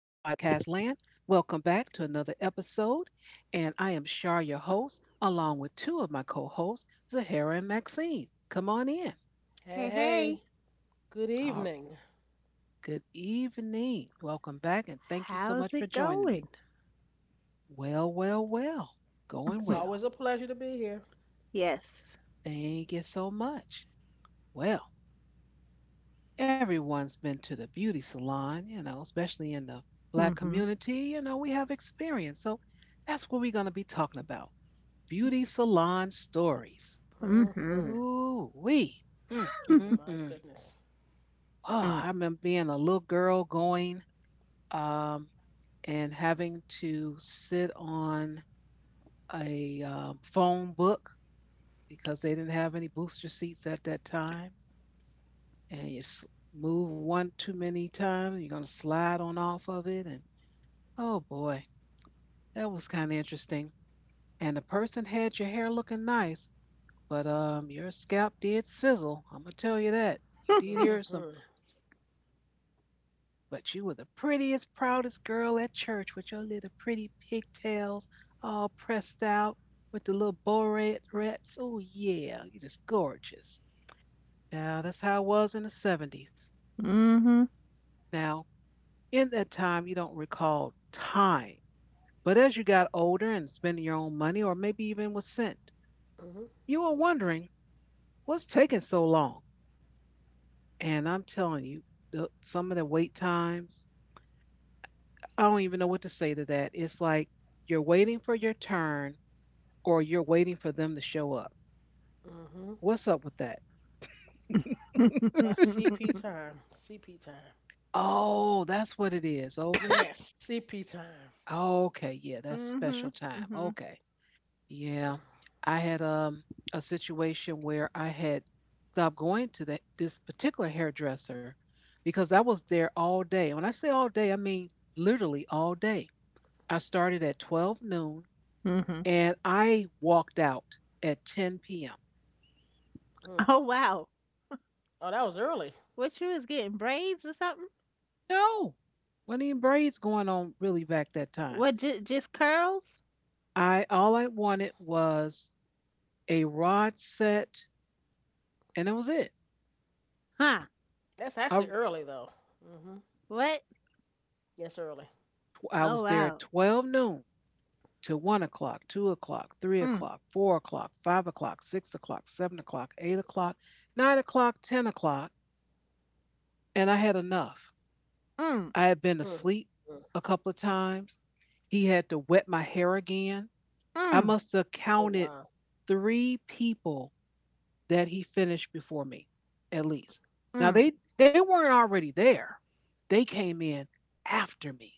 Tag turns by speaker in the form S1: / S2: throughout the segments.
S1: land. Welcome back to another episode. And I am Shar, your host, along with two of my co hosts, Zahara and Maxine. Come on in.
S2: Hey,
S3: Hey,
S2: hey,
S3: hey, good
S1: Right.
S3: evening.
S1: Good evening. Welcome back. And thank you so much
S2: how's
S1: for
S2: it
S1: joining me.
S2: going?
S1: Well, well, well. Going
S3: It's
S1: well.
S3: always a pleasure to be here.
S2: Yes.
S1: Thank you so much. Well, everyone's been to the beauty salon, especially in the black
S2: Mm-hmm.
S1: community. You know, we have experience. So that's what we're going to be talking about. Beauty salon stories.
S2: Mm-hmm.
S3: Oh
S1: Ooh, wee. Mm, mm,
S3: my
S1: mm.
S3: goodness.
S1: Oh, I remember being a little girl going um, and having to sit on a phone book because they didn't have any booster seats at that time. And you move one too many times, you're going to slide on off of it. And oh boy, that was kind of interesting. And the person had your hair looking nice. But your scalp did sizzle. I'm gonna tell you that. You did hear some,
S3: hmm
S1: s- but you were the prettiest, proudest girl at church with your little pretty pigtails all pressed out with the little bow rats. Oh yeah, you just gorgeous. Yeah, that's how it was in the '70s.
S2: Mm-hmm.
S1: Now, in that time, you don't recall time, but as you got older and spending your own money, or maybe even was sent,
S3: hmm
S1: you were wondering what's taking so long. And I'm telling you, some of the wait times, I don't even know what to say to that. It's like you're waiting for your turn or you're waiting for them to show up.
S3: hmm
S1: What's up with that?
S3: That's CP
S2: Mm-hmm.
S3: time. CP time.
S1: Oh, that's what it is. Okay.
S3: Yes, CP time.
S1: Okay. Yeah, that's special time.
S2: Mm-hmm.
S1: Okay. Yeah. I had a situation where I had stopped going to that this particular hairdresser because I was there all day. And when I say all day, I mean literally all day. I started at 12 noon
S2: Mm-hmm.
S1: and I walked out at 10 p.m.
S3: Mm.
S2: Oh, wow.
S3: Oh, that was early.
S2: What you was getting braids or something?
S1: No, wasn't even braids going on really back that time.
S2: What, just curls?
S1: I all I wanted was a rod set, and that was it.
S2: Huh.
S3: That's
S1: I
S3: actually early though. Hmm.
S2: What?
S3: Yes, early.
S1: I was
S2: Oh,
S1: there at
S2: wow.
S1: 12 noon to 1 o'clock, 2 o'clock, 3
S2: Mm,
S1: o'clock, 4 o'clock, 5 o'clock, 6 o'clock, 7 o'clock, 8 o'clock, 9 o'clock, 10 o'clock, and I had enough.
S2: mm,
S1: I had been
S3: Mm.
S1: asleep
S3: Mm.
S1: a couple of times. He had to wet my hair again. I
S2: mm,
S1: must have
S3: Oh
S1: counted
S3: wow.
S1: three people that he finished before me, at least. Now
S2: mm.
S1: they weren't already there. They came in after me.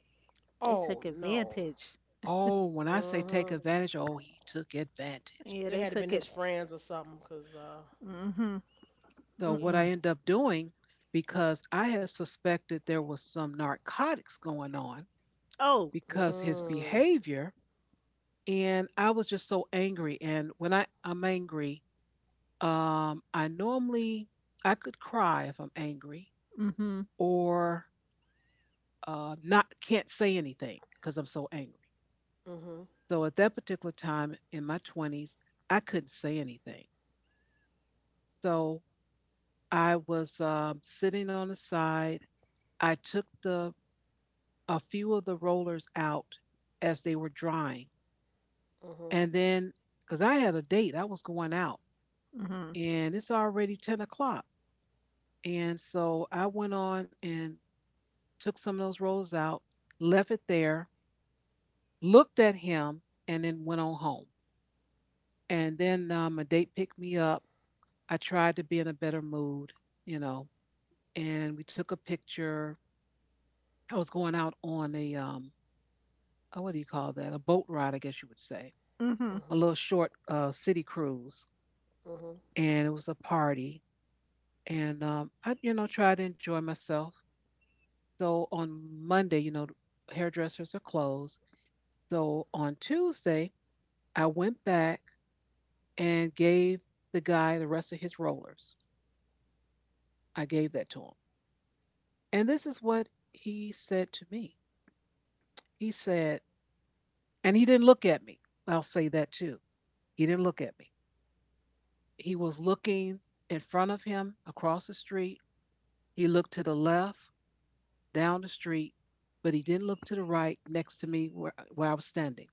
S2: They
S3: Oh
S2: took
S3: no.
S2: advantage.
S1: Oh, when I say take
S3: hmm
S1: advantage, oh, he took advantage.
S2: Yeah,
S3: They
S2: they
S3: had to been
S2: took
S3: his
S2: it.
S3: friends or something, cause
S2: Mm-hmm.
S1: So what
S3: yeah.
S1: I
S2: Mm-mm.
S1: end up doing, because I had suspected there was some narcotics going on,
S2: Oh.
S1: because his
S3: Mm.
S1: behavior, and I was just so angry. And when I'm angry, I normally I could cry if I'm angry.
S2: Mm-hmm.
S1: Or not can't say anything because I'm so angry.
S3: Mhm.
S1: So at that particular time in my 20s, I couldn't say anything. So I was sitting on the side. I took the a few of the rollers out as they were drying,
S3: Mhm.
S1: and then because I had a date, I was going out,
S2: Mm-hmm.
S1: and it's already 10 o'clock. And so I went on and took some of those rollers out, left it there, looked at him, and then went on home. And then a date picked me up. I tried to be in a better mood, you know, and we took a picture. I was going out on oh, what do you call that? A boat ride, I guess you would say,
S2: Mm-hmm.
S1: a
S3: Mhm.
S1: little short city cruise.
S3: Mhm.
S1: And it was a party. And I, tried to enjoy myself. So on Monday, hairdressers are closed. So on Tuesday, I went back and gave the guy the rest of his rollers. I gave that to him. And this is what he said to me. He said, and he didn't look at me. I'll say that too. He didn't look at me. He was looking in front of him across the street. He looked to the left, down the street, but he didn't look to the right next to me where I was standing.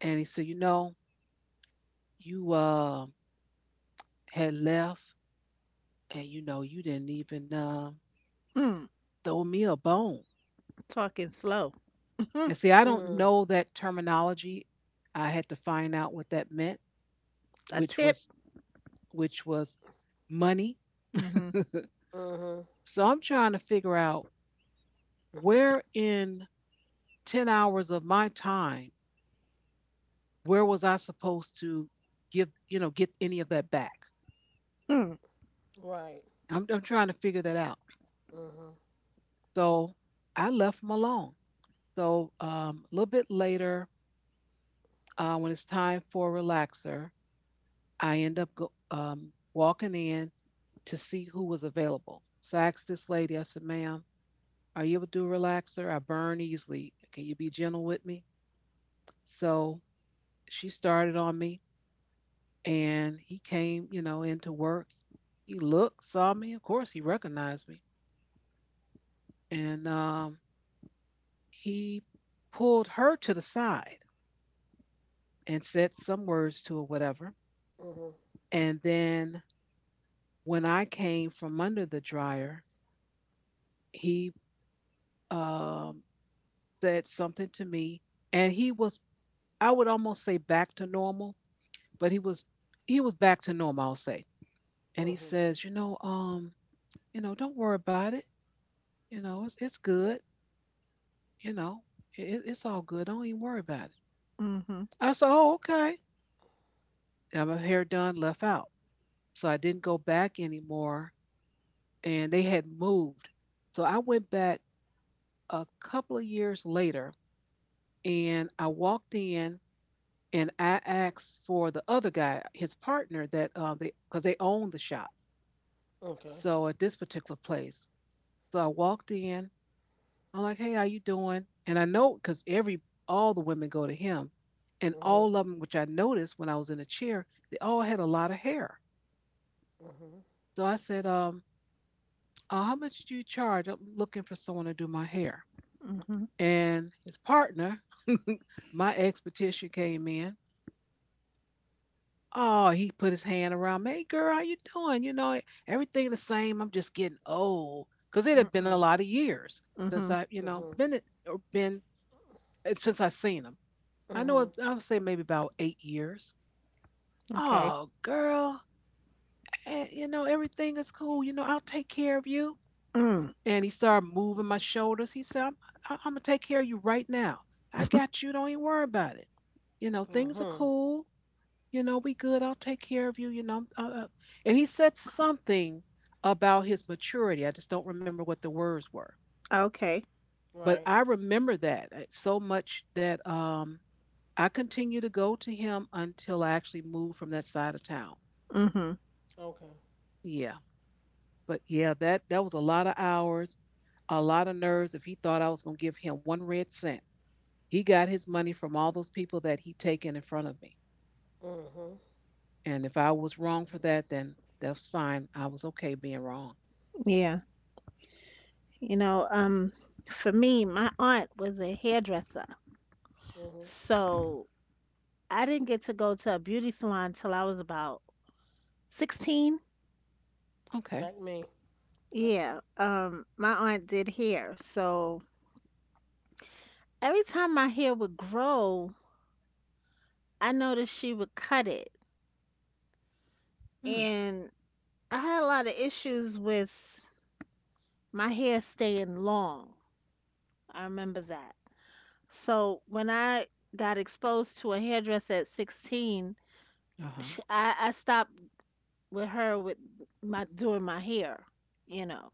S1: And he said, you know, you had left and you didn't even
S2: Mm.
S1: throw me a bone.
S2: Talking slow. A
S1: And see, I don't
S3: Mm.
S1: know that terminology. I had to find out what that meant, which
S2: tip?
S1: was which was money.
S2: Mhm.
S3: Mhm.
S1: So I'm trying to figure out where in 10 hours of my time, where was I supposed to get any of that back?
S2: Mm.
S3: Right.
S1: I'm trying to figure that out.
S3: Mhm.
S1: So I left them alone. So a little bit later, when it's time for a relaxer, I end up walking in to see who was available. So I asked this lady, I said, ma'am, are you able to do a relaxer? I burn easily. Can you be gentle with me? So she started on me and he came, into work. He looked, saw me. Of course, he recognized me. And he pulled her to the side and said some words to her, whatever.
S3: Mhm.
S1: And then when I came from under the dryer, he um, said something to me. And he was, I would almost say back to normal, but he was back to normal, I'll say. And he
S3: Mhm.
S1: says, don't worry about it. You know, it's good. You know, it's all good. Don't even worry about it.
S2: Mhm.
S1: I said, oh, okay. Got my hair done, left out. So I didn't go back anymore. And they had moved. So I went back a couple of years later and I walked in and I asked for the other guy, his partner that they, because they owned the shop.
S3: Okay.
S1: So at this particular place. So I walked in. I'm like, hey, how you doing? And I know because every all the women go to him, and
S3: Mhm.
S1: all of them, which I noticed when I was in a chair, they all had a lot of hair.
S3: Mhm.
S1: So I said, how much you charge? I'm looking for someone to do my hair.
S2: Mhm.
S1: And his partner, my ex-petition came in. Oh, he put his hand around me. Hey, girl, how you doing? You know, everything the same. I'm just getting old, because it had been a
S2: Mm-mm.
S1: lot of years since
S2: Mhm.
S1: I,
S3: Mhm.
S1: been it or been since I seen him. I know
S3: Mhm.
S1: I would say maybe about 8 years.
S2: Okay.
S1: Oh, girl, and, everything is cool. You know, I'll take care of you.
S2: Mm.
S1: And he started moving my
S3: Mhm.
S1: shoulders. He said, I'm going to take care of you right now. I got you. Don't even worry about it. You know, things are
S3: Mhm.
S1: cool. You know, we good. I'll take care of you. You know." And he said something about his maturity. I just don't remember what the words were.
S2: Okay.
S1: But
S3: Right.
S1: I remember that so much that I continue to go to him until I actually moved from that side of town.
S2: Mhm.
S3: Okay.
S1: Yeah. But yeah, that was a lot of hours, a lot of nerves. If he thought I was gonna give him one red cent, he got his money from all those people that he taken in front of me.
S3: Mhm.
S1: And if I was wrong for
S3: Mhm.
S1: that, then that's fine. I was okay being wrong.
S2: Yeah. You know, um, for me, my aunt was a hairdresser.
S3: Mhm.
S1: Mm,
S2: So I didn't get to go to a beauty salon till I was about 16.
S1: okay.
S3: Like me. Like me.
S2: Yeah. My aunt did hair. So every time my hair would grow, I noticed she would cut it.
S1: Mm.
S2: And I had a lot of issues with my hair staying long. I remember that. So when I got exposed to a hairdresser at 16,
S1: Uh huh.
S2: sh I stopped with her with my doing my hair, you know.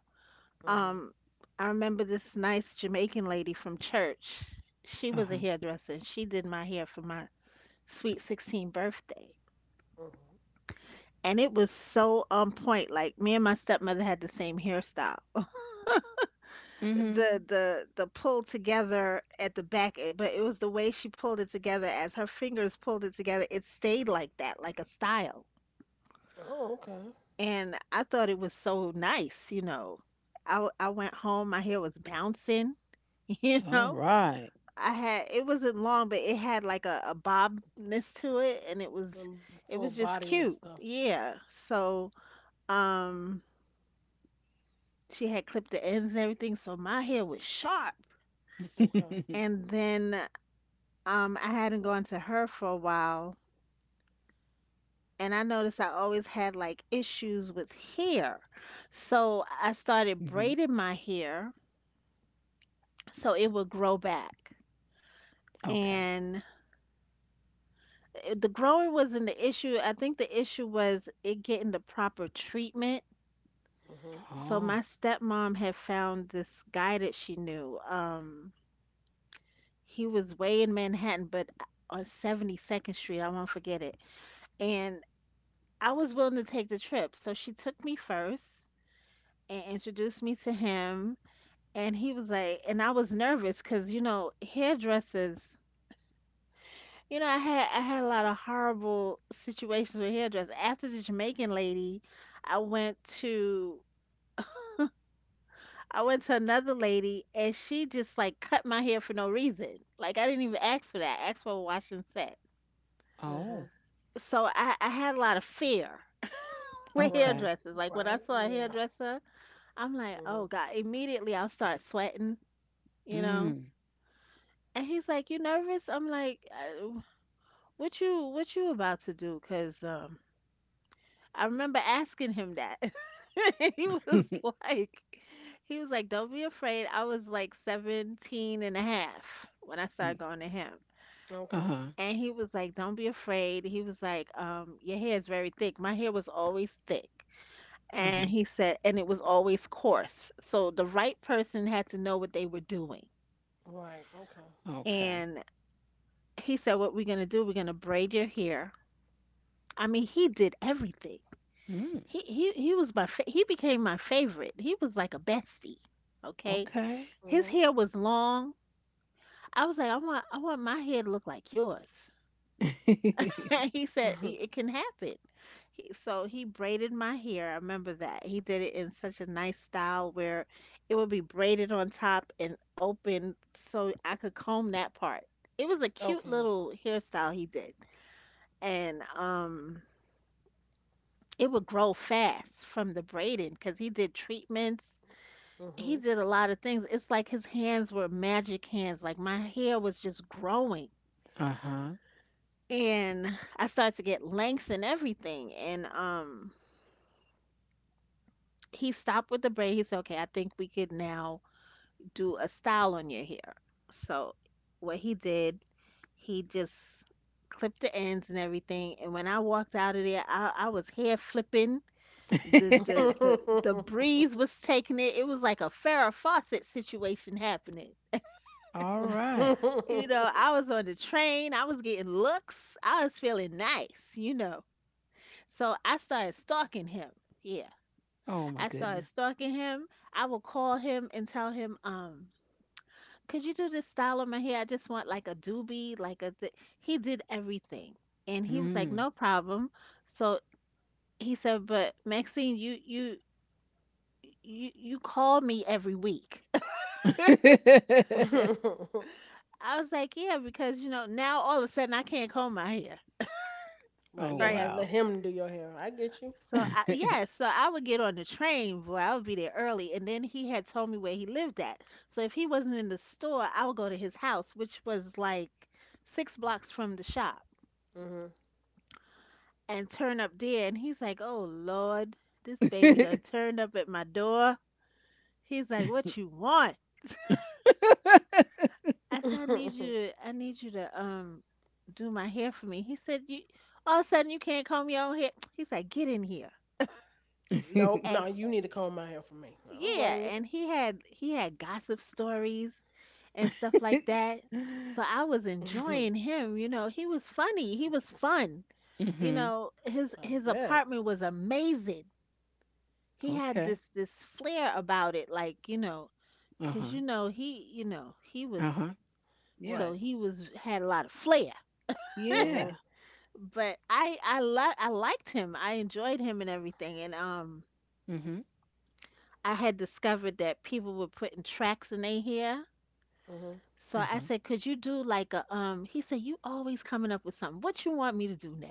S3: Mhm.
S2: Um, I remember this nice Jamaican lady from church. She
S1: Uh
S2: was a
S1: huh.
S2: hairdresser and she did my hair for my sweet 16 birthday.
S3: Mhm.
S2: And it was so on point. Like me and my stepmother had the same hairstyle.
S1: Mhm.
S2: The pull together at the back but it was the way she pulled it together. As her fingers pulled it together, it stayed like that, like a style,
S3: Oh, okay.
S2: and I thought it was so nice. I went home, my hair was bouncing. you
S1: All
S2: know
S1: right.
S2: I had, it wasn't long, but it had like a bobness to it, and it was,
S3: And full
S2: it was just
S3: body and
S2: cute.
S3: stuff.
S2: Um she had clipped the ends and everything, so my hair was sharp.
S3: Okay.
S2: And then, I hadn't gone to her for a while, and I noticed I always had like issues with hair. So I started
S1: Mhm.
S2: braiding my hair so it would grow back.
S1: Okay.
S2: And the growing wasn't the issue. I think the issue was it getting the proper treatment.
S3: Mhm.
S2: So my
S1: Oh.
S2: stepmom had found this guy that she knew. He was way in Manhattan, but on 72nd Street, I won't forget it. And I was willing to take the trip. So she took me first and introduced me to him. And he was like, and I was nervous because, you know, hairdressers, you know, I had a lot of horrible situations with hairdressers. After the Jamaican lady, I went to I went to another lady and she just like cut my hair for no reason. Like I didn't even ask for that. I asked for a wash and set.
S3: Mhm.
S1: Oh.
S2: So I had a lot of fear with
S3: Right.
S1: Okay.
S2: hairdressers. Like when I
S3: Right.
S2: saw a
S3: Yeah.
S2: hairdresser, I'm like, oh
S3: Mhm.
S2: God, immediately I'll start sweating, you know?
S1: Mm.
S2: And he's like, "You nervous?" I'm like, what you about to do?" 'Cause I remember asking him that. He
S1: Uh
S2: was like he was like, "Don't be afraid." I was like 17 and a half when I started going to him.
S3: Okay.
S1: huh.
S2: And he was like, "Don't be afraid." He was like, "Your hair is very thick." My hair was always thick.
S1: Uh-huh.
S2: And he said, and it was always coarse. So the right person had to know what they were doing.
S3: Right. Okay.
S1: Okay.
S2: And he said, what we're going to do, we're going to braid your hair. He did everything.
S1: Mm,
S2: He became my favorite. He was like a bestie. Okay,
S1: okay.
S2: his
S3: Mhm.
S2: hair was long. I was like, I want my hair to look like yours. And he said it, it can happen. So he braided my hair. I remember that. He did it in such a nice style where it would be braided on top and open so I could comb that part. It was a cute
S3: Okay.
S2: little hairstyle he did. And It would grow fast from the braiding, cause he did treatments. He
S3: Mhm.
S2: did a lot of things. It's like his hands were magic hands, like my hair was just growing.
S1: Uh-huh.
S2: And I started to get length and everything. And He stopped with the braid. He said, okay, I think we could now do a style on your hair. So what he did, he just clipped the ends and everything. And when I walked out of there, I was hair flipping. the the the the breeze was taking it. It was like a Farrah Fawcett situation happening.
S1: All
S3: Right,
S1: right.
S2: You know, I was on the train. I was getting looks. I was feeling nice. You know, so I started stalking him. Yeah,
S1: Oh my
S2: I started
S1: goodness.
S2: stalking him. I would call him and tell him, could you do this style of my hair? I just want like a doobie, like He did everything, and he was like,
S1: Mm.
S2: no problem. So he said, but Maxine, you call me every week. I was like, yeah, because you know now all of a sudden I can't comb my hair,
S3: you
S1: Oh
S3: gotta
S2: right?
S3: have let
S1: wow.
S3: him do your hair. I get you.
S2: So I would get on the train, boy, I would be there early, and then he had told me where he lived at. So if he wasn't in the store, I would go to his house, which was like six blocks from the shop,
S3: Mhm.
S2: and turn up there. And he's like, oh Lord, this baby done turned up at my door. He's like, what you want? I said, I need you to do my hair for me. He said, you all of a sudden you can't comb your own hair. He's like, get in here.
S3: Nope,
S2: A
S3: no, you need to comb my hair for me. I don't blame
S2: Yeah,
S3: you.
S2: and he had gossip stories and stuff like that. So I was enjoying him, you know. He was funny. He was fun. You
S1: Mhm.
S2: know,
S3: I
S2: his
S3: bet.
S2: apartment was amazing. He had
S1: Okay.
S2: this flair about it like, you know, 'cause
S1: Uh-huh.
S2: you know, he was
S1: Uh-huh. Yeah.
S3: Right.
S2: so he was, had a lot of flair.
S3: Mhm.
S1: Yeah.
S2: But I liked him. I enjoyed him and everything. And
S1: Mhm.
S2: I had discovered that people were putting tracks in their hair.
S3: Mhm.
S2: So I
S1: Uh-huh.
S2: said, could you do like a he said, you always coming up with something. What you want me to do now?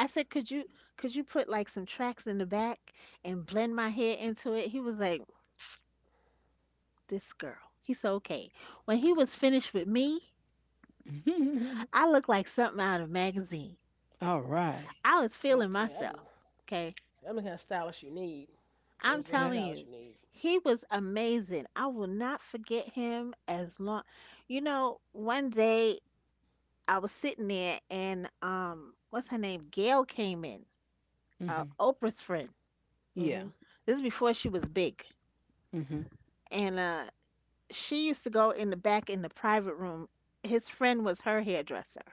S2: I said, could you put like some tracks in the back and blend my hair into it? He was like, this girl. He said, okay. When he was finished with me, I looked like something out of a magazine.
S1: All right.
S2: I was feeling
S3: Okay. I'm.
S2: myself. Okay.
S3: See, I'm the kind of stylist you need.
S2: I'm
S3: Those are the
S2: telling
S1: Okay.
S3: stylists you
S2: you,
S3: need.
S2: he was amazing. I will not forget him as long. You know, one day I was sitting there and what's her name? Gail came in,
S1: Mhm.
S2: Oprah's friend.
S1: Yeah.
S3: Mhm.
S2: This is before she was big,
S1: Mhm.
S2: and she used to go in the back in the private room. His friend was her hairdresser.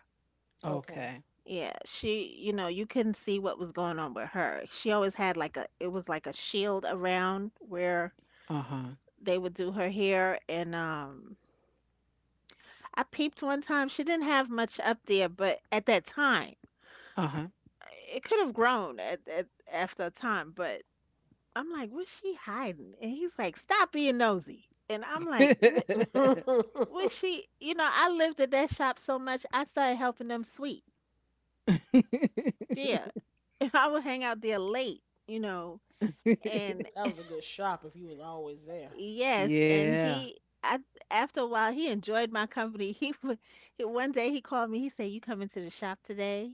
S3: Okay.
S1: Okay.
S2: Yeah, you know, you couldn't see what was going on with her. She always had like it was like a shield around where
S1: Uh-huh.
S2: they would do her hair. And I peeped one time. She didn't have much up there, but at that time,
S1: Uh-huh.
S2: it could have grown at after a time. But I'm like, what's she hiding? And he's like, stop being nosy. And I'm like, what? Well,
S3: That
S2: you know, I lived at that shop so much, I started helping them sweep. Yeah, and I would hang out there late, you know, and
S3: was a good shop if you was always there.
S2: yes, and
S1: Yeah.
S2: I, after a while, he enjoyed my company. One day he called me. He said, "You coming to the shop today?"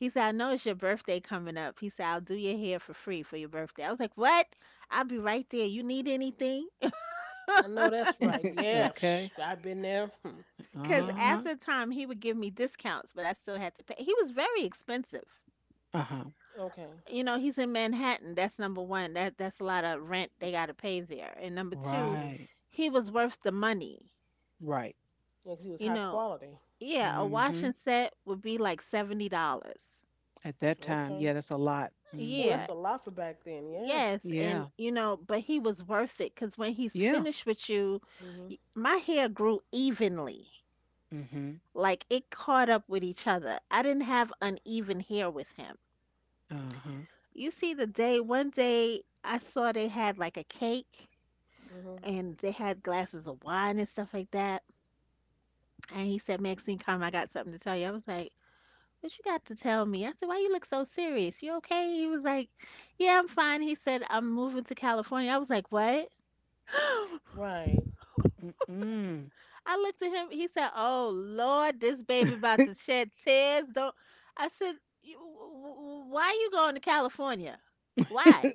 S2: He said, "I know it's your birthday coming up." He said, "I'll do your hair for free for your birthday." I was like, "What? I'll be right there. You need anything?"
S3: I know that's right. Yeah, psh,
S1: Okay.
S3: I've been there. Hmm.
S2: Because
S3: Yeah.
S1: Uh-huh.
S2: after time, he would give me discounts, but I still had to pay. He was very expensive.
S1: Uh-huh.
S3: Okay.
S2: You know, he's in Manhattan. That's number one. That's a lot of rent they got to pay there. And number two,
S3: Mhm.
S1: Right.
S2: he was worth the money.
S1: Right.
S3: Yeah, 'cause he was
S2: You
S3: high
S2: know,
S3: quality.
S2: yeah, a washing
S1: Mm-hmm.
S2: set would be like $70.
S1: At that time,
S3: Okay.
S1: yeah, that's a lot.
S3: Oh,
S2: Yeah,
S1: Mm-hmm.
S3: that's a lot for back then. Yeah.
S2: yes, and
S1: Yeah.
S2: you know, but he was worth it because when he's
S1: Yeah.
S2: finished with you,
S3: Mhm.
S2: my hair grew evenly.
S1: Mm-hmm.
S2: Like it caught up with each other. I didn't have uneven hair with him.
S1: Uh-huh.
S2: You see the day, one day I saw they had like a cake
S3: Mhm.
S2: and they had glasses of wine and stuff like that. And he said, Maxine, come, I got something to tell you. I was like, what you got to tell me? I said, why you look so serious? You okay? He was like, yeah, I'm fine. He said, I'm moving to California. I was like, what?
S3: Right.
S1: Mm-mm.
S2: I looked at him. He said, oh, Lord, this baby about to shed tears. Don't. I said, "You- why you going to California? Why?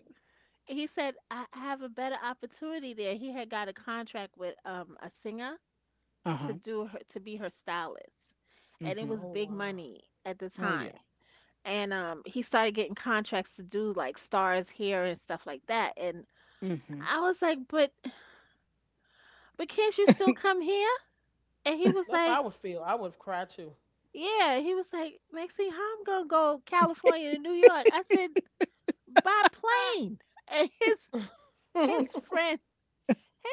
S2: He said, I have a better opportunity there. He had got a contract with a singer
S1: Uh-huh.
S2: to be her stylist, and it
S1: Mm-hmm.
S2: was
S3: Oh
S2: big
S3: wow.
S2: money at the
S1: Oh
S2: time.
S1: yeah.
S2: And he started getting contracts to do like stars here and stuff like that. And
S1: Mm-hmm.
S2: I was like, but can't you still come here? And he was
S3: That's how I
S2: like,
S3: would feel. I would have cried too.
S2: yeah. He was like, Maxine, how I'm gonna go California to New York? I said, by
S1: Ah.
S2: plane. And his his friend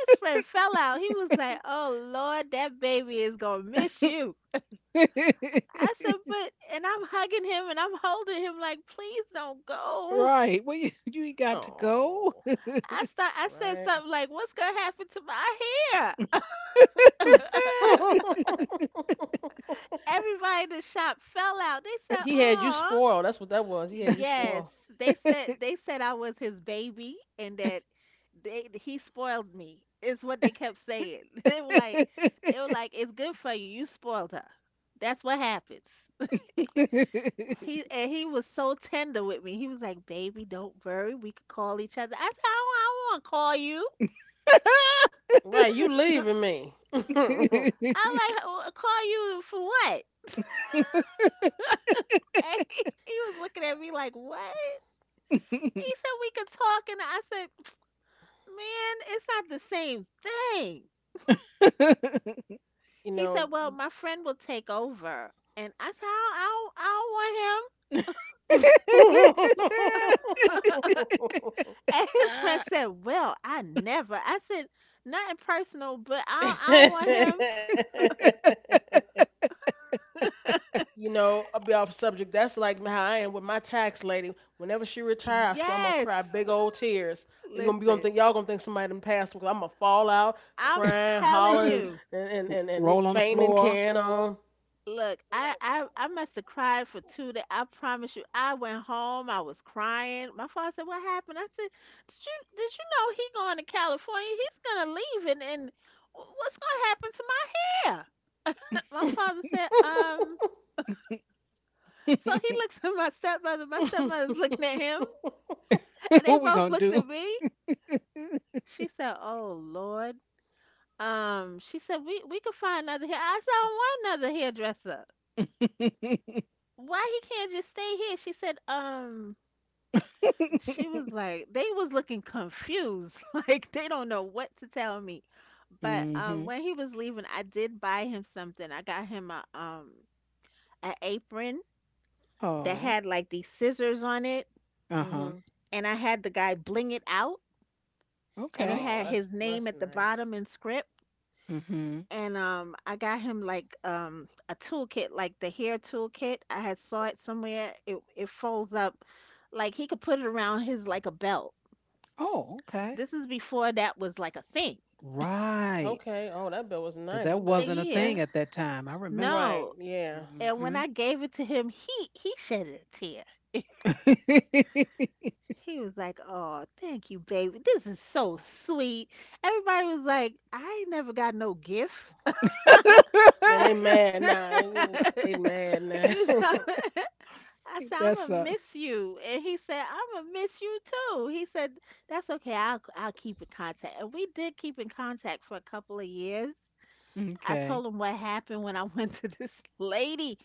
S2: friend fell out. He was like, oh Lord, that baby is gonna miss you. I said, but and I'm hugging him and I'm holding him like, please don't go.
S1: Right. Well, you ain't got to go.
S3: Oh.
S2: I start, I said
S3: Right.
S2: something like, what's gonna happen to my hair? Everybody in the shop fell out. They said,
S3: He had you
S2: "Aw,
S3: spoiled. That's what that was. He had you
S2: yes."
S3: spoiled.
S2: They said I was his baby and that they he spoiled me. Is what they kept saying. They were like, it's good for you. You spoiled her. That's what happens. He and he was so tender with me. He was like, "Baby, don't worry. We could call each other." I said, I don't want to call you.
S3: Right. You leaving me.
S2: I like call you for what?" And he was looking at me like, "What?" He said, "We could talk," and I said, "Man, it's not the same thing."
S3: You
S2: He
S3: know.
S2: said, "Well, my friend will take over," and I said, I don't want him." And his friend said, "Well, I never." I said, "Nothing personal, but I don't want
S3: You know, I'll be off subject. That's like how I am with my tax lady. Whenever she
S2: him."
S3: retire, I swear I'm gonna cry
S2: Yes.
S3: big old tears. You gonna be gonna
S2: Listen,
S3: think y'all gonna think somebody done passed because I'm gonna fall out
S2: I'm
S3: crying,
S2: telling
S3: hollering,
S2: you.
S3: and
S1: Roll on the
S3: fainting and
S1: floor.
S3: carrying on.
S2: Look, I must have cried for 2 days. I promise you, I went home. I was crying. My father said, "What happened?" I said, Did you know he going to California? He's gonna leave, and what's gonna happen to my hair?" My father said." So he looks at my stepmother. My stepmother's looking at him, and they
S1: What we
S2: both
S1: gonna
S2: looked
S1: do?
S2: at me. She said, "Oh Lord." She said, We could find another hair." I said, "I don't want another hairdresser." Why he can't just stay here? She said, she was like, they was looking confused. Like they don't know what to tell me. But
S1: Hmm.
S2: when he was leaving, I did buy him something. I got him a an apron that
S1: Oh,
S2: had like these scissors on it,
S1: uh huh.
S3: hmm
S2: and I had the guy bling it out, and it
S1: Okay.
S3: Oh,
S2: had
S3: that's
S2: his
S3: that's
S2: name at the
S3: nice.
S2: bottom in script.
S1: Hmm.
S2: And I got him like a toolkit, like the hair toolkit. I had saw it somewhere. It folds up like he could put it around his like a belt.
S1: Oh, okay.
S2: This is before that was like a thing.
S1: Right.
S3: Okay. Oh, that bill was
S1: Because
S3: nice.
S1: that
S3: That bill was
S1: wasn't a
S2: Yeah.
S1: thing
S3: cute.
S1: at that time. I remember.
S3: Right.
S2: No.
S3: Yeah.
S2: And when
S1: Hmm.
S2: I gave it to him, he shed a tear. He was like, "Oh, thank you, baby. This is so sweet." Everybody was like, "I ain't never got no gift."
S3: And they mad now. They mad now.
S2: You know? I said, "I'm
S1: That's
S2: gonna
S1: a
S2: miss you," and he said, "I'm gonna miss you too." He said, "That's okay. I'll keep in contact." And we did keep in contact for a couple of years. I
S1: Okay.
S2: told him what happened when I went to this lady.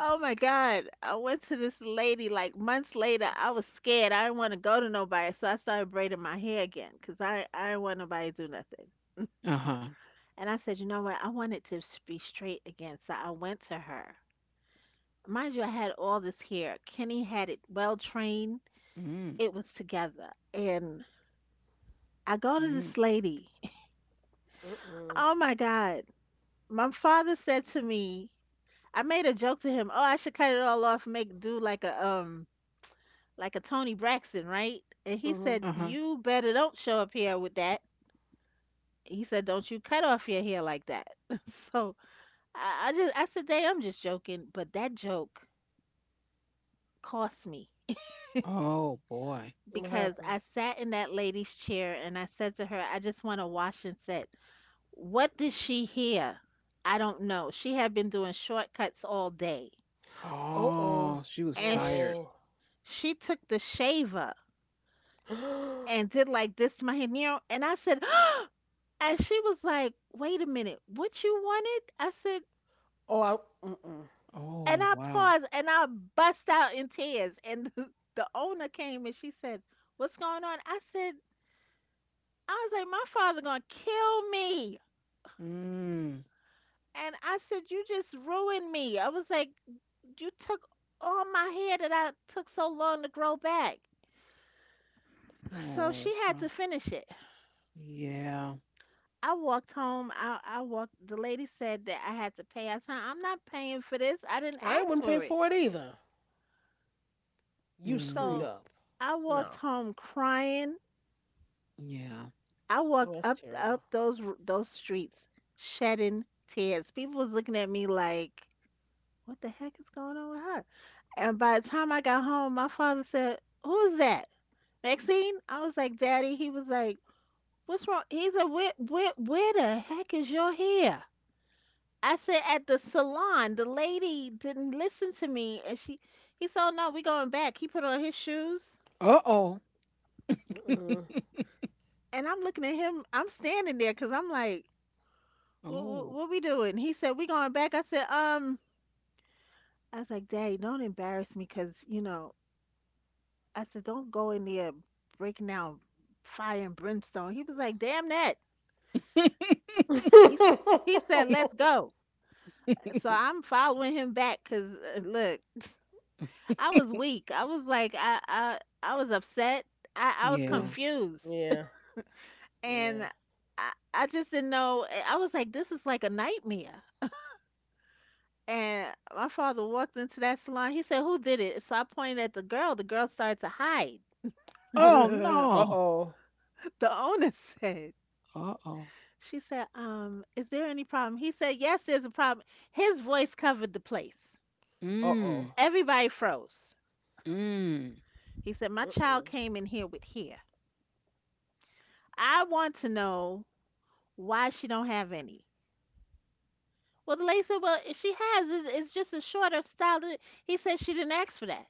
S2: Oh my God. I went to this lady like months later. I was scared. I didn't want to go to nobody. So I started braiding my hair again because I didn't want nobody to do nothing.
S1: Uh-huh.
S2: And I said, you know what? I want it to be straight again. So I went to her. Mind you, I had all this hair. Kenny had it well trained.
S1: Mm,
S2: It was together. And I go to
S1: mm,
S2: this lady.
S3: Mm-mm.
S2: Oh my God. My father said to me, I made a joke to him, oh, I should cut it all off, make do like a Tony Braxton, right? And he
S3: Mm-hmm.
S2: said,
S1: uh-huh.
S2: "You better don't show up here with that." He said, "Don't you cut off your hair like that." So I said, "Dave, I'm just joking," but that joke cost me
S1: Oh boy.
S3: What
S2: because
S3: happened?
S2: I sat in that lady's chair and I said to her, "I just want to wash and set." What did she hear? I don't know. She had been doing shortcuts all day,
S3: Oh,
S1: Oh, she was
S2: and
S1: tired.
S3: oh,
S2: she took the shaver
S3: oh.
S2: and did like this to my hair, Nero, and I said. And she was like, wait a minute, what you wanted? I said,
S3: Oh, I, mm-mm.
S2: and
S1: Oh
S2: I
S1: wow.
S2: paused and I bust out in tears. And the owner came and she said, what's going on? I said, I was like, my father gonna kill me.
S1: Mm.
S2: And I said, you just ruined me. I was like, you took all my hair that I took so long to grow back. So
S1: Oh
S2: she had
S1: wow.
S2: to finish it.
S1: Yeah.
S2: I walked home. I walked. The lady said that I had to pay. I said, I'm not paying for this. I didn't
S3: I
S2: ask
S3: wouldn't pay
S2: for it.
S3: for it either. You
S1: Mm-hmm.
S3: screwed
S2: So
S3: up.
S2: I walked
S3: No.
S2: home crying.
S1: Yeah.
S2: I
S3: Oh,
S2: walked
S3: that's
S2: up
S3: terrible.
S2: those those streets shedding tears. People was looking at me like, "What the heck is going on with her?" And by the time I got home, my father said, "Who's that, Maxine?" I was like, "Daddy." He was like, "What's wrong?" He said, Where the heck is your hair?" I said, "At the salon. The lady didn't listen to me, and she." He said, oh, "No, we going back." He put on his shoes.
S1: Uh-oh.
S3: Mm-mm.
S2: And I'm looking at him. I'm standing there because I'm like,
S1: Oh.
S2: what we doing? He said, we going back. I said, I was like, Daddy, don't embarrass me because, you know, I said, don't go in there breaking down fire and brimstone. He was like, damn that.
S1: Oh.
S2: He, he said, let's go. So I'm following him back because, look, I was weak. I was like, I was upset. I was
S3: Mm,
S1: Yeah.
S2: confused.
S3: yeah,
S2: And
S3: yeah.
S2: I just didn't know. I was like, this is like a nightmare. And my father walked into that salon. He said, who did it? So I pointed at the girl. The girl started to hide.
S1: Oh
S2: The
S1: no.
S3: Uh-oh.
S2: owner said,
S1: Uh-oh.
S2: she said, is there any problem? He said, yes, there's a problem. His voice covered the place.
S3: Uh-oh.
S1: Mm.
S2: Everybody froze.
S1: Mm.
S2: He said, my child
S3: Mm-mm.
S2: came in here with hair. I want to know why she don't have any. Well, the lady said, well, she has. It's just a shorter style. He said, she didn't ask for that.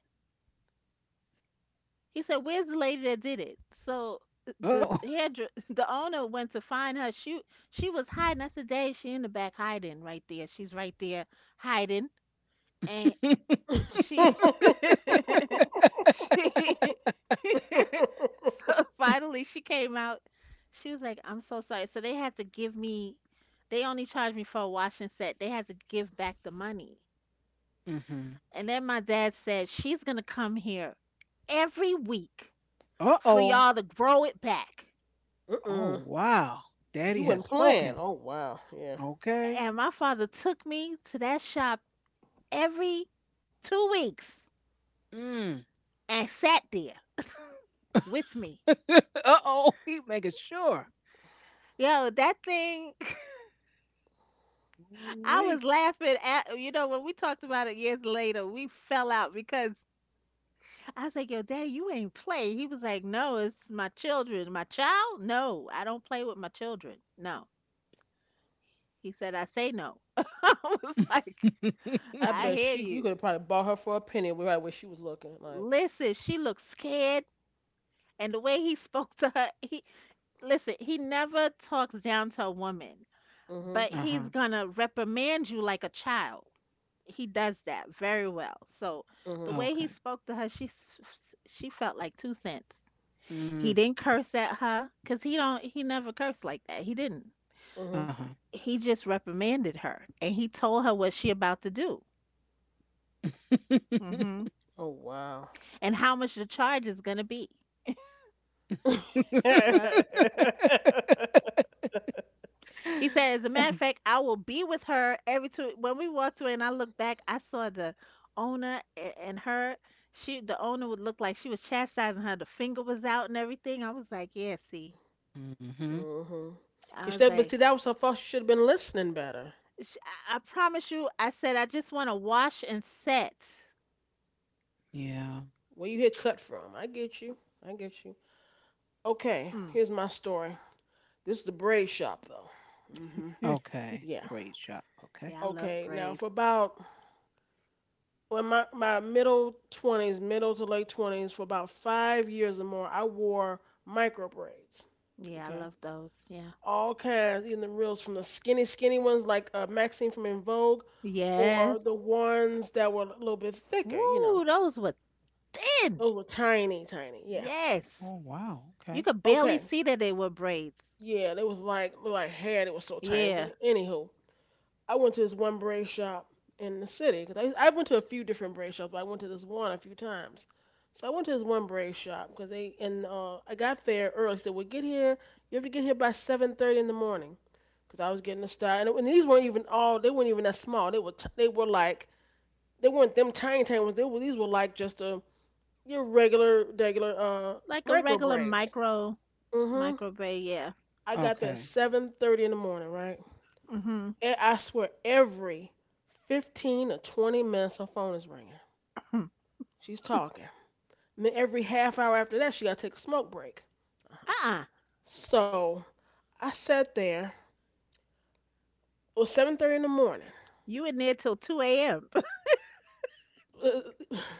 S2: He said, "Where's the lady that did it?" So the
S1: Uh-oh.
S2: hairdresser, the owner went to find her. She was hiding. I said, "Dad, she in the back hiding right there. She's right there hiding." And she she so finally she came out. She was like, "I'm so sorry." So they had to give me. They only charged me for a washing set. They had to give back the money.
S1: Mm-hmm.
S2: And then my dad said, "She's gonna come here every week
S1: Uh-oh.
S2: for
S1: Oh
S2: y'all to grow it back.
S1: Oh
S3: Mm-mm.
S1: wow.
S3: He
S1: Daddy
S3: wasn't
S1: has
S3: playing.
S1: spoken.
S3: Oh, wow. Yeah.
S1: Okay.
S2: And my father took me to that shop every 2 weeks
S1: Mm.
S2: and sat there with me.
S1: Uh-oh, he making sure.
S2: Yo, that thing, I
S1: Wait.
S2: was laughing at, you know, when we talked about it years later, we fell out because I was like, yo, dad, you ain't play. He was like, no, it's my children. My child? No, I don't play with my children. No. He said, I say no. I was like,
S3: I
S2: I
S3: bet
S2: hear
S3: she, you
S2: you.
S3: could have probably bought her for a penny right where she was looking. Like,
S2: Listen, she looked scared. And the way he spoke to her, listen, he never talks down to a woman,
S3: mm-hmm,
S2: but
S1: Uh-huh.
S2: he's gonna reprimand you like a child. He does that very well. So the
S3: mm-hmm,
S2: way he
S1: Okay.
S2: spoke to her, she felt like two cents. He
S1: Mm,
S2: didn't curse at her because he never cursed like that. He didn't.
S3: mm-hmm.
S1: uh-huh.
S2: He just reprimanded her and he told her what she about to do hmm
S3: Oh, wow.
S2: and how much the charge is gonna be.
S3: Hmm.
S2: Yep. He said, as a matter of fact, I will be with her every two. When we walked away and I looked back, I saw the owner and her. She, the owner would look like she was chastising her. The finger was out and everything. I was like, yeah, see.
S1: Mm-hmm.
S2: I
S3: Cause
S2: was
S3: that, but see,
S2: like,
S3: that was her fault. She should have been listening better.
S2: "Sh- I promise you. I said, I just want to wash and set.
S1: Yeah.
S3: Where you hit cut from? I get you. I get you. Okay,
S2: Mm.
S3: here's my story. This is the braid shop though. Hmm.
S1: Okay.
S3: Yeah.
S1: Great shot. Okay.
S2: Yeah, I love
S3: Okay. Now for
S2: braids.
S3: about well, my middle twenties, middle to late twenties, for about 5 years or more, I wore micro braids.
S2: Yeah, I
S3: Okay.
S2: love those. Yeah.
S3: All kinds, even the reels from the skinny, skinny ones like Maxine from In Vogue or the
S2: Yes.
S3: ones that were a little bit thicker, you know.
S2: Woo, those were
S3: Those
S2: thin.
S3: were tiny, tiny. Yeah.
S1: Oh
S2: Yes.
S1: wow.
S2: You
S1: Okay.
S2: could barely
S3: Okay.
S2: see that they were braids.
S3: Yeah, they was like hair that was so tiny.
S2: Yeah.
S3: But anywho, I went to this one braid shop in the city because I went to a few different braid shops. But I went to this one a few times. So I went to this one braid shop because they and I got there early. So we get here. You have to get here by 7:30 in the morning because I was getting a style. And these weren't even all. They weren't even that small. They were like they weren't them tiny tiny ones. They were these were like just a your regular, regular
S2: Like a
S3: micro
S2: regular
S3: braids.
S2: micro
S3: Mhm.
S2: microwave, yeah.
S3: I got there at
S1: Okay.
S3: 7:30 in the morning, right?
S2: Mm-hmm.
S3: And I swear every 15 or 20 minutes her phone is ringing. She's talking. And then every half hour after that, she got to take a smoke break.
S2: Uh-uh.
S3: So I sat there. It was 7:30 in the morning.
S2: You in there till 2 a.m.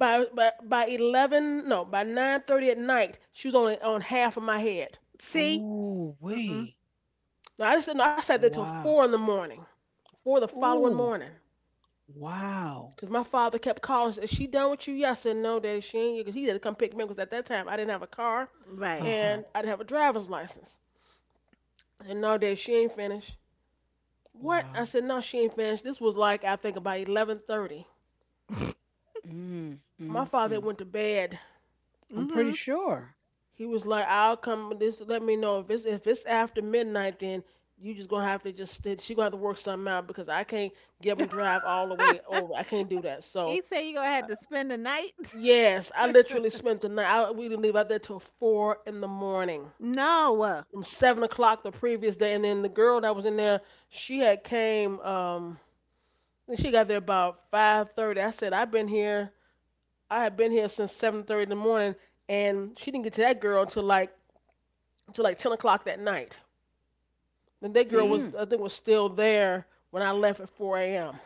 S3: By 11, no, by 9:30 at night, she was only on half of my head.
S2: See?
S1: Ooh
S2: Mm-mm.
S1: wait.
S3: No, I just no, I sat there till
S1: Wow.
S3: four in the morning, four the following
S1: Ooh.
S3: morning.
S1: Wow.
S3: Cause my father kept calling. Is she done with you? Yes and no, Daddy. She ain't. Cause he had to come pick me up. Cause at that time I didn't have a car
S2: Right.
S1: Uh-huh.
S3: and I didn't have a driver's license. And no, Daddy, she ain't finished. What?
S1: Wow.
S3: I said no, she ain't finished. This was like I think about 11:30.
S1: Mm,
S3: My
S1: mm,
S3: father
S1: mm.
S3: went to bed.
S1: I'm pretty
S2: Mm-hmm.
S1: sure.
S3: He was like, I'll come. This let me know if it's after midnight. Then you just gonna have to just she gonna have to work something out because I can't give him drive all the way over. I can't do that. So
S2: He said you gonna have to spend the night?
S3: yes, I literally spent the night. We didn't leave out there till four in the morning.
S2: No.
S3: From 7 o'clock the previous day, and then the girl that was in there, she had came. I think she got there about 5:30. I said I've been here. I had been here since 7:30 in the morning, and she didn't get to that girl until like 10 o'clock that night. And that girl
S1: Mm.
S2: See?
S3: was I think was still there when I left at four a.m.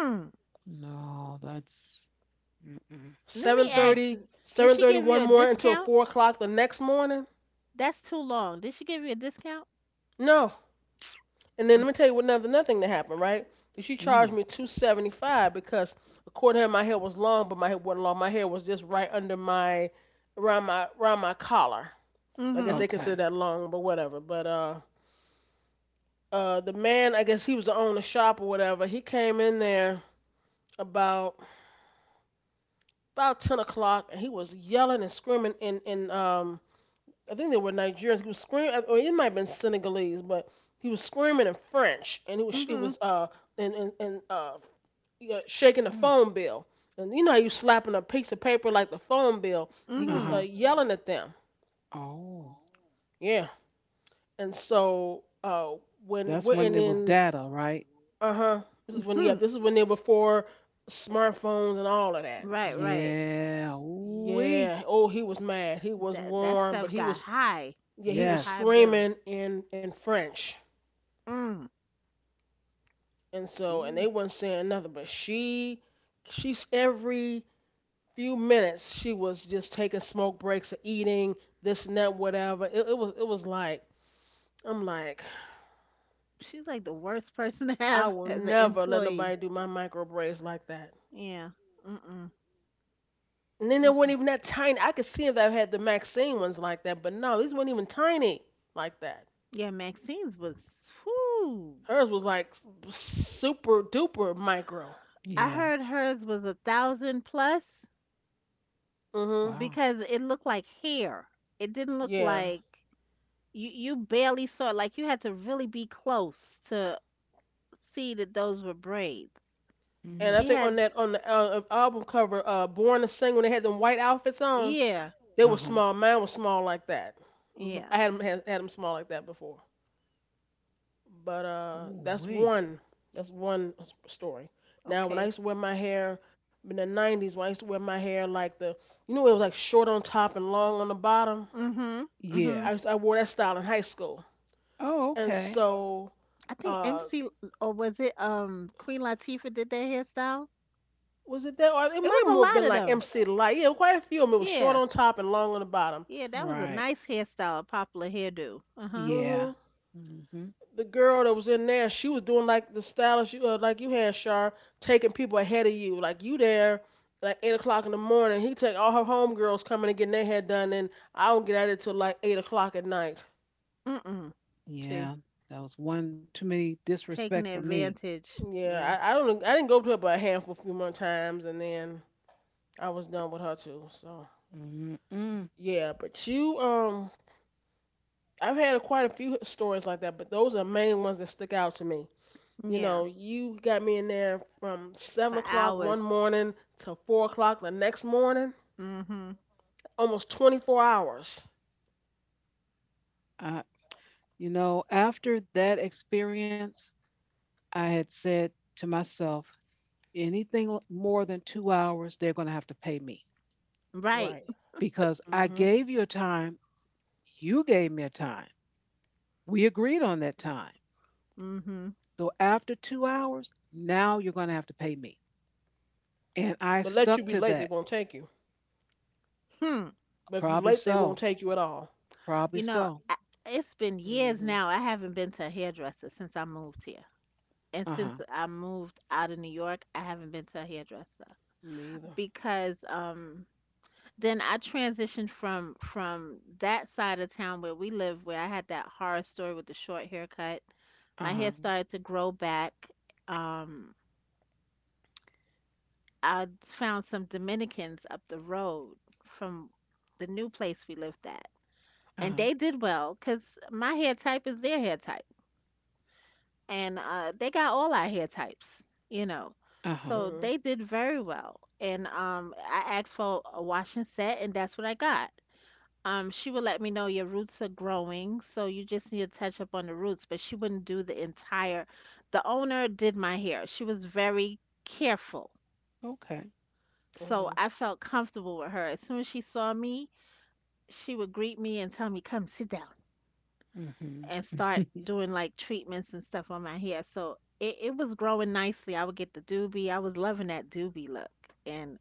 S2: Mm.
S1: No, that's mm-mm.
S2: Let me
S3: Seven
S1: Wow.
S2: ask.
S3: thirty,
S2: Did
S3: seven
S2: she
S3: thirty,
S2: give you
S3: one
S2: a
S3: 7:30 more until
S2: discount?
S3: 4 o'clock the next morning.
S2: That's too long. Did she give you a discount?
S3: No, and then
S2: Mm.
S3: let me tell you what another nothing thing that happened, right? She
S1: Mm.
S3: charged me 275 because according to her my hair was long, but my hair wasn't long. My hair was just right under my around my collar. I guess
S2: Mm-hmm.
S3: they
S1: Okay.
S3: consider that long, but whatever. But the man, I guess he was the owner of the shop or whatever, he came in there about about 10 o'clock and he was yelling and screaming in I think they were Nigerians. He was screaming, or it might have been Senegalese, but he was screaming in French, and he was he
S2: Mm-hmm.
S3: was and yeah, shaking the
S1: Mm.
S3: phone bill, and you know how you slapping a piece of paper like the phone bill. He was
S2: Mm-hmm.
S1: Uh-huh.
S3: yelling at them.
S1: Oh,
S3: Yeah, and so
S1: that's
S3: when we
S1: when it
S3: and
S1: was
S3: then
S1: data, right?
S3: uh huh. This is when yeah,
S2: Hmm.
S3: this is when they were before smartphones and all of that.
S2: Right,
S3: So
S2: right.
S1: Yeah. Ooh-wee.
S3: yeah, oh he was mad. He was
S2: That that
S3: warm, but
S2: stuff
S3: he
S2: got
S3: was
S2: high. Get a high
S1: Yes.
S2: bill.
S3: screaming in French.
S2: Mm.
S3: And so, and
S1: Ooh.
S3: they weren't saying nothing, but she, she's every few minutes she was just taking smoke breaks and eating this and that, whatever. It was like, I'm like,
S2: She's like the worst person to
S3: I
S2: have
S3: will
S2: as an
S3: never let
S2: employee.
S3: nobody do my micro braids like that.
S2: Yeah. Mm-mm.
S3: And then they weren't
S2: Mm-mm.
S3: even that tiny. I could see if they had the Maxine ones like that, but no, these weren't even tiny like that.
S2: Yeah, Maxine's was whoo.
S3: Hers was like super duper micro.
S2: I
S1: Yeah.
S2: heard hers was 1,000 plus
S3: Mhm.
S1: Wow.
S2: because it looked like hair. It didn't look
S3: Yeah.
S2: like you barely saw it. Like you had to really be close to see that those were braids.
S3: And
S1: Mm.
S3: I
S2: She
S3: think
S2: had,
S3: on the album cover, "Born to Sing," when they had them white outfits on,
S2: yeah,
S3: they were
S1: Uh-huh.
S3: small. Mine was small like that.
S2: yeah.
S3: I had them small like that before. But that's
S1: Ooh-wee.
S3: one. That's one story. Now, when I
S2: Okay.
S3: used to wear my hair in the '90s, when I used to wear my hair like the, it was like short on top and long on the bottom.
S2: Mhm.
S1: Yeah.
S2: Mhm.
S3: I wore that style in high school,
S1: Oh,
S3: and
S1: okay.
S3: so
S2: I think
S3: uh,
S2: MC, or was it Queen Latifah did that hairstyle?
S3: was it that, or it
S2: It
S3: might
S2: was
S3: have
S2: a
S3: more been
S2: lot of
S3: like
S2: them.
S3: MC Light. Yeah, quite a few of them. It was short
S2: Yeah,
S3: on top and long on the bottom.
S2: yeah, that was a
S1: Right.
S2: nice hairstyle, a popular hairdo. Uh huh.
S1: Yeah.
S3: hmm
S1: Mm-hmm.
S3: the girl that was in there, she was doing like the stylish you like you had, Shar, taking people ahead of you. Like you there, like 8 o'clock in the morning. He take all her homegirls coming and getting their hair done, and I don't get at it till like 8 o'clock at night.
S2: Mm-mm. See,
S1: Yeah. That was one too many disrespect for
S2: taking
S1: me.
S2: advantage. Yeah,
S3: Yeah, I didn't go to her but a handful a few more times, and then I was done with her too. So
S1: Mm-mm.
S3: yeah, but you I've had quite a few stories like that, but those are main ones that stick out to me. You
S2: yeah,
S3: know, you got me in there from seven
S2: for
S3: o'clock one
S2: hours.
S3: morning to 4 o'clock the next morning,
S2: Mm-hmm.
S3: almost 24 hours.
S1: I, you know, after that experience, I had said to myself, anything more than 2 hours, they're going to have to pay me.
S2: Right.
S3: Right.
S1: Because I
S3: Hmm.
S1: gave you a time, you gave me a time. We agreed on that time.
S2: Mm-hmm.
S1: So after 2 hours, now you're going to have to pay me. And I
S3: But let you
S1: stuck
S3: be
S1: to
S3: late, they
S1: that.
S3: won't take you.
S2: Hmm.
S3: But if you
S1: Probably
S3: late, they won't
S1: so.
S3: take you at all.
S1: Probably
S2: You know,
S1: so.
S2: I, it's been years
S3: hmm
S2: now. I haven't been to a hairdresser since I moved here,
S1: Uh
S2: and
S1: huh.
S2: since I moved out of New York, I haven't been to a hairdresser
S3: Me either.
S2: because then I transitioned from that side of town where we live, where I had that horror story with the short haircut.
S1: Uh
S2: My hair
S1: huh.
S2: started to grow back. Um, I found some Dominicans up the road from the new place we lived at.
S1: Uh
S2: And
S1: huh.
S2: they did well because my hair type is their hair type. And they got all our hair types, you know.
S1: Uh huh.
S2: So
S3: Hmm.
S2: they did very well. And I asked for a wash and set, and that's what I got. She would let me know your roots are growing, so you just need to touch up on the roots, but she wouldn't do the entire. The owner did my hair. She was very careful.
S1: Okay.
S2: So
S3: Okay.
S2: I felt comfortable with her. As soon as she saw me, she would greet me and tell me, "Come sit down,"
S1: Mm
S2: and start doing like treatments and stuff on my hair. So it was growing nicely. I would get the doobie. I was loving that doobie look. And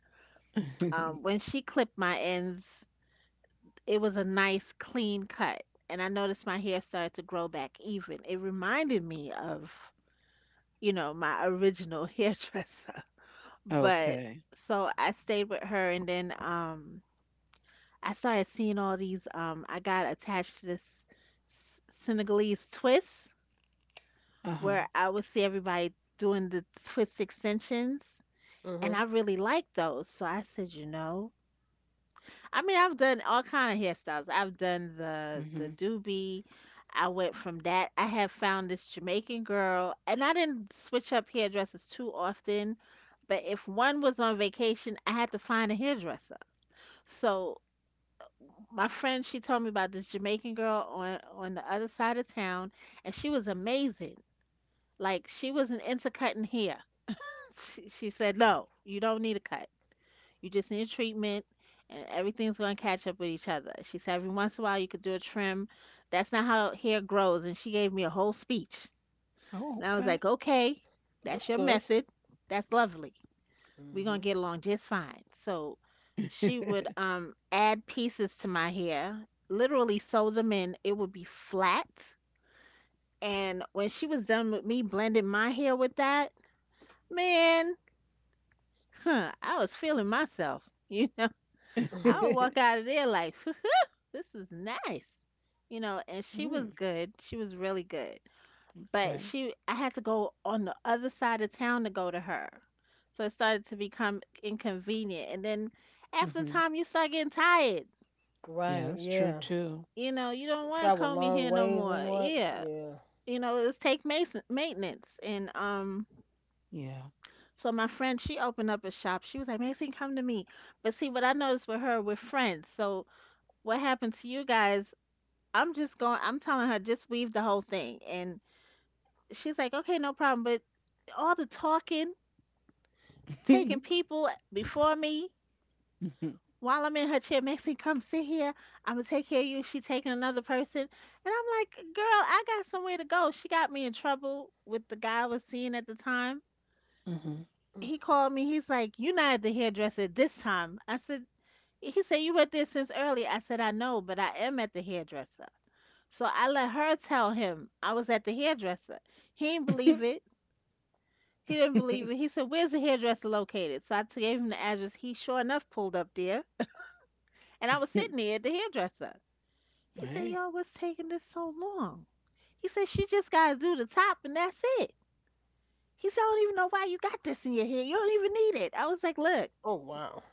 S1: hmm.
S2: when she clipped my ends, it was a nice clean cut and I noticed my hair started to grow back even. It reminded me of, you know, my original hairdresser. But
S1: Okay.
S2: so I stayed with her and then I started seeing all these I got attached to this Senegalese twist
S1: Uh huh.
S2: where I would see everybody doing the twist extensions and
S3: hmm
S2: I really liked those. So I said, you know, I mean, I've done all kind of hairstyles. I've done the
S1: Mm hmm.
S2: doobie. I went from that. I have found this Jamaican girl, and I didn't switch up hairdressers too often. But if one was on vacation, I had to find a hairdresser. So my friend, she told me about this Jamaican girl on the other side of town, and she was amazing. Like she wasn't into cutting hair. She said, "No, you don't need a cut. You just need a treatment and everything's going to catch up with each other." She said every once in a while you could do a trim. That's not how hair grows. And she gave me a whole speech.
S1: Oh,
S2: And I was
S1: okay.
S2: like, okay,
S3: That's
S2: that's your
S3: good.
S2: method. That's lovely. We're
S3: Hmm.
S2: going to get along just fine. So she would add pieces to my hair, literally sew them in. It would be flat. And when she was done with me blending my hair with that, man, huh, I was feeling myself. You
S3: Mhm.
S2: I'll walk out of there like, this is nice. You know, and she was
S1: Mm,
S2: good. She was really good. But
S1: okay.
S2: she I had to go on the other side of town to go to her. So it started to become inconvenient. And then
S1: Mm
S2: after
S1: hmm.
S2: time you start getting tired.
S1: Yeah,
S3: Right.
S1: that's true
S3: Yeah.
S1: too.
S2: You know, you don't want to
S3: Travel
S2: comb your
S3: long
S2: hair no
S3: ways
S2: more.
S3: and what?
S2: Yeah.
S3: Yeah.
S2: You know, it's take mason maintenance. And
S1: Yeah.
S2: so my friend, she opened up a shop. She was like, "Maxine, come to me." But see what I noticed with her, we're friends. So what happened to you guys, I'm just going, I'm telling her, just weave the whole thing. And she's like, okay, no problem. But all the talking, taking people before me
S1: Mm-hmm.
S2: while I'm in her chair, "Maxine, come sit here. I'm going to take care of you." She taking another person. And I'm like, girl, I got somewhere to go. She got me in trouble with the guy I was seeing at the time.
S1: Mm-hmm.
S2: He called me. He's like, "You're not at the hairdresser this time." I said, he said, "You were there since early." I said, "I know, but I am at the hairdresser." So I let her tell him I was at the hairdresser. He didn't believe it. He didn't believe it. He said, "Where's the hairdresser located?" So I gave him the address. He sure enough pulled up there. And I was sitting
S1: Hey.
S2: there at the hairdresser. He said, "Yo, what's taking this so long?" He said, "She just got to do the top and that's it." He said, "I don't even know why you got this in your hair. You don't even need it." I was like, "Look."
S3: Oh wow.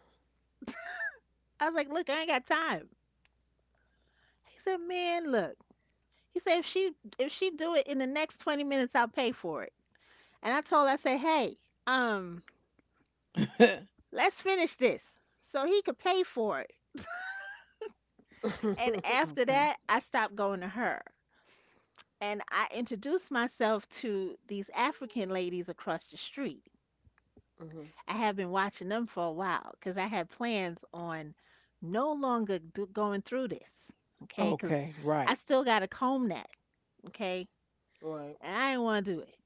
S2: I was like, "Look, I ain't got time." He said, "Man, look." He said, "If she do it in the next 20 minutes, I'll pay for it." And I told her, I said, "Hey, um, let's finish this so he could pay for it."
S3: Hmm.
S2: And after
S1: Okay.
S2: that, I stopped going to her. And I introduced myself to these African ladies across the street. I have been watching them for a while because I had plans on no longer going through this. Okay. Because
S1: Okay.
S2: I
S1: Right.
S2: still got to comb that. Okay.
S3: Right.
S2: And I didn't want to do it.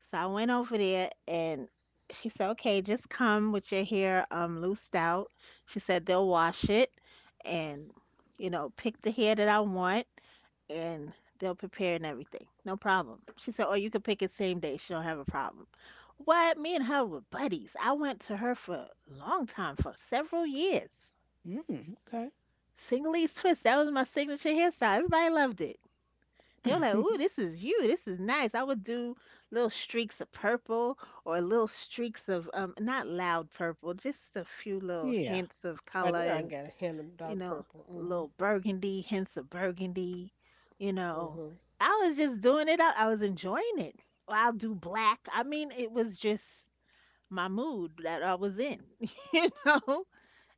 S2: So I went over there and she said, "Okay, just come with your hair loosed out." She said they'll wash it and, you know, pick the hair that I want and they'll prepare and everything. No problem. She said, "Oh, you could pick it same day." She don't have a problem. What? Me and her were buddies. I went to her for a long time, for several years.
S1: Mm, okay.
S2: Single East Twist, that was my signature hairstyle. Everybody loved it. They were like, "Ooh, this is you. This is nice." I would do little streaks of purple or little streaks of not loud purple, just a few little
S1: Yeah.
S2: hints of
S3: I
S2: color
S3: I
S2: and
S3: gotta handle
S2: you
S3: dark
S2: know,
S3: purple.
S2: little burgundy, hints of burgundy, you know.
S3: Hmm
S2: I was just doing it out. I was enjoying it. Or I'll do black. I mean, it was just my mood that I was in, you know.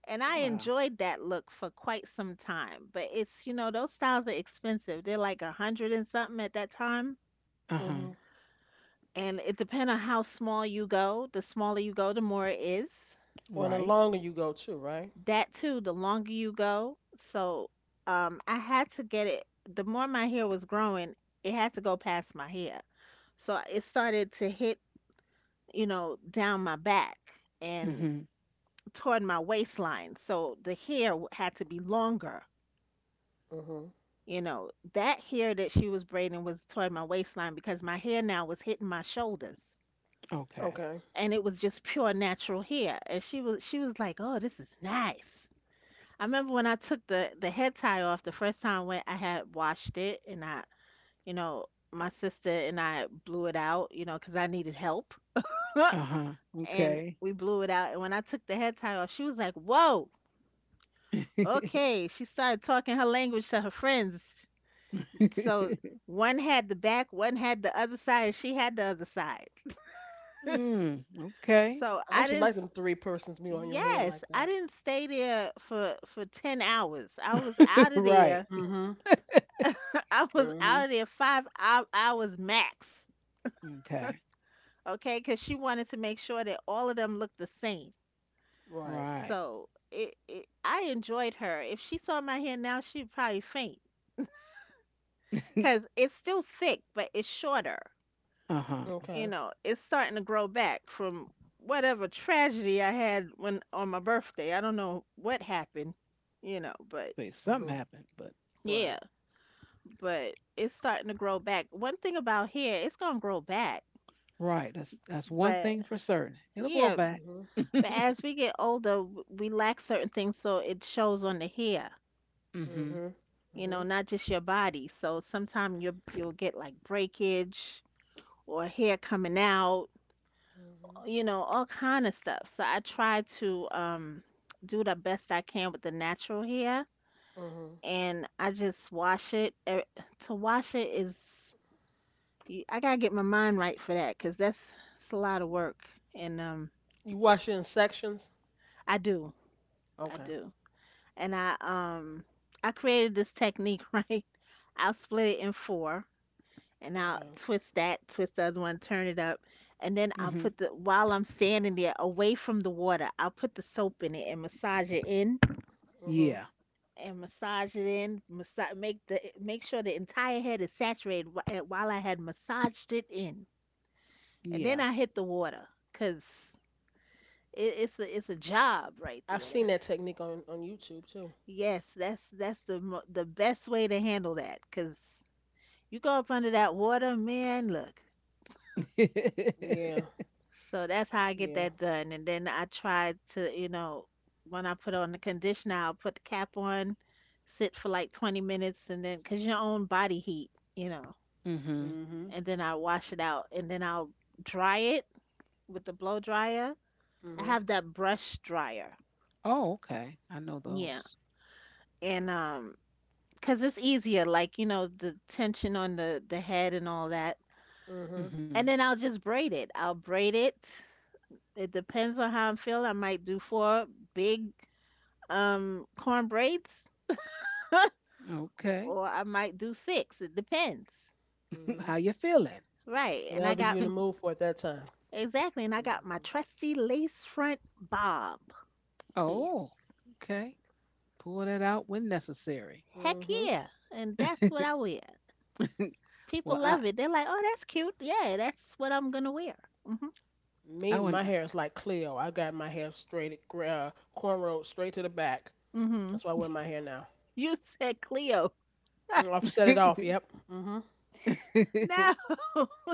S2: And I
S1: Wow.
S2: enjoyed that look for quite some time, but it's, you know, those styles are expensive. They're like a hundred and something at that time.
S1: Uh
S3: hmm
S1: huh.
S2: And it depends on how small you go. The smaller you go, the more it is.
S3: Well, the
S1: Right.
S3: longer you go too, right?
S2: That too, the longer you go. So I had to get it. The more my hair was growing, it had to go past my hair. So it started to hit, you know, down my back and
S1: Mm-hmm.
S2: toward my waistline. So the hair had to be longer.
S3: Mhm.
S2: You know, that hair that she was braiding was toward my waistline because my hair now was hitting my shoulders.
S1: Okay.
S3: Okay.
S2: And it was just pure natural hair. And she was like, "Oh, this is nice." I remember when I took the head tie off the first time when I had washed it and I, you know, my sister and I blew it out, you know, 'cause I needed help.
S1: Uh huh.
S2: And
S1: Okay.
S2: we blew it out. And when I took the head tie off, she was like, "Whoa, okay." She started talking her language to her friends. So one had the back, one had the other side, and she had the other side.
S1: Mm, okay.
S2: So
S3: I
S2: I
S3: actually
S2: didn't.
S3: like them three persons meal on your head
S2: Yes,
S3: like
S2: I
S3: that.
S2: didn't stay there for 10 hours. I was out of
S1: Right.
S2: there.
S3: Hmm.
S2: I was out
S3: Mm-hmm.
S2: of there five hours max.
S1: Okay.
S2: Okay, because she wanted to make sure that all of them looked the same.
S3: Right.
S1: Right.
S2: So it I enjoyed her. If she saw my hair now, she'd probably faint because it's still thick, but it's shorter.
S1: Uh huh.
S2: You
S3: Okay.
S2: know, it's starting to grow back from whatever tragedy I had when on my birthday. I don't know what happened, you know, but
S1: See, something
S3: Mhm.
S1: happened, but
S2: yeah,
S3: Right.
S2: but it's starting to grow back. One thing about hair, it's gonna grow back,
S1: right. That's one thing
S2: but
S1: for certain. It'll grow
S2: yeah,
S1: back.
S3: Mhm.
S2: but as we get older, we lack certain things, so it shows on the hair,
S3: Mhm.
S1: Mm-hmm.
S3: Mhm.
S2: you know, not just your body. So sometimes you'll get like breakage or hair coming out,
S3: Mhm.
S2: you know, all kind of stuff. So I try to do the best I can with the natural hair
S3: Mhm.
S2: and I just wash it. To wash it is you- I gotta get my mind right for that 'cause that's it's a lot of work and
S3: You wash it in sections.
S2: I do. I
S3: Okay.
S2: do. And I created this technique, right? I'll split it in four and I'll
S3: Okay.
S2: twist that, twist the other one, turn it up, and then I'll
S1: Mm-hmm.
S2: put the while I'm standing there away from the water, I'll put the soap in it and massage it in
S1: Yeah.
S3: Mhm.
S2: and massage it in, massage, make sure the entire head is saturated while I had massaged it in, and
S1: Yeah.
S2: then I hit the water, cause it's a job right
S3: I've
S2: there.
S3: seen that technique on YouTube too.
S2: Yes, that's the the best way to handle that, cause you go up under that water, man. Look,
S1: Mm-hmm.
S3: Yeah.
S2: so that's how I get
S3: Yeah.
S2: that done, and then I try to, when I put on the conditioner, I'll put the cap on, sit for like 20 minutes, and then cause your own body heat, you know.
S3: Hmm.
S2: And then I wash it out and then I'll dry it with the blow dryer. I
S3: Mhm.
S2: have that brush dryer.
S1: Oh, okay. I know
S2: Yeah.
S1: those.
S2: And 'cause it's easier, like, you know, the tension on the head and all that.
S3: Mhm.
S1: Hmm.
S2: And then I'll just braid it. I'll braid it. It depends on how I'm feeling. I might do four big corn braids
S1: Okay.
S2: or I might do six. It depends.
S1: How
S3: Mhm.
S1: you feeling?
S2: Right. And I
S3: Whatever
S2: got
S3: you in the mood for at that time.
S2: Exactly, and I
S3: Mhm.
S2: got my trusty lace front bob. Yeah.
S1: Oh, okay. Pull that out when necessary.
S2: Heck
S3: Mhm.
S2: yeah. And that's what I wear. People
S1: well,
S2: love it. They're like, oh, that's cute. Yeah, that's what I'm going to wear. hmm
S1: I
S3: Me,
S1: want
S3: my hair is like Cleo. I got my hair straight, cornrowed straight to the back.
S2: hmm
S3: That's why I wear my hair now.
S2: You said Cleo.
S3: Mm, I've set it off. Yep. Mhm.
S2: No.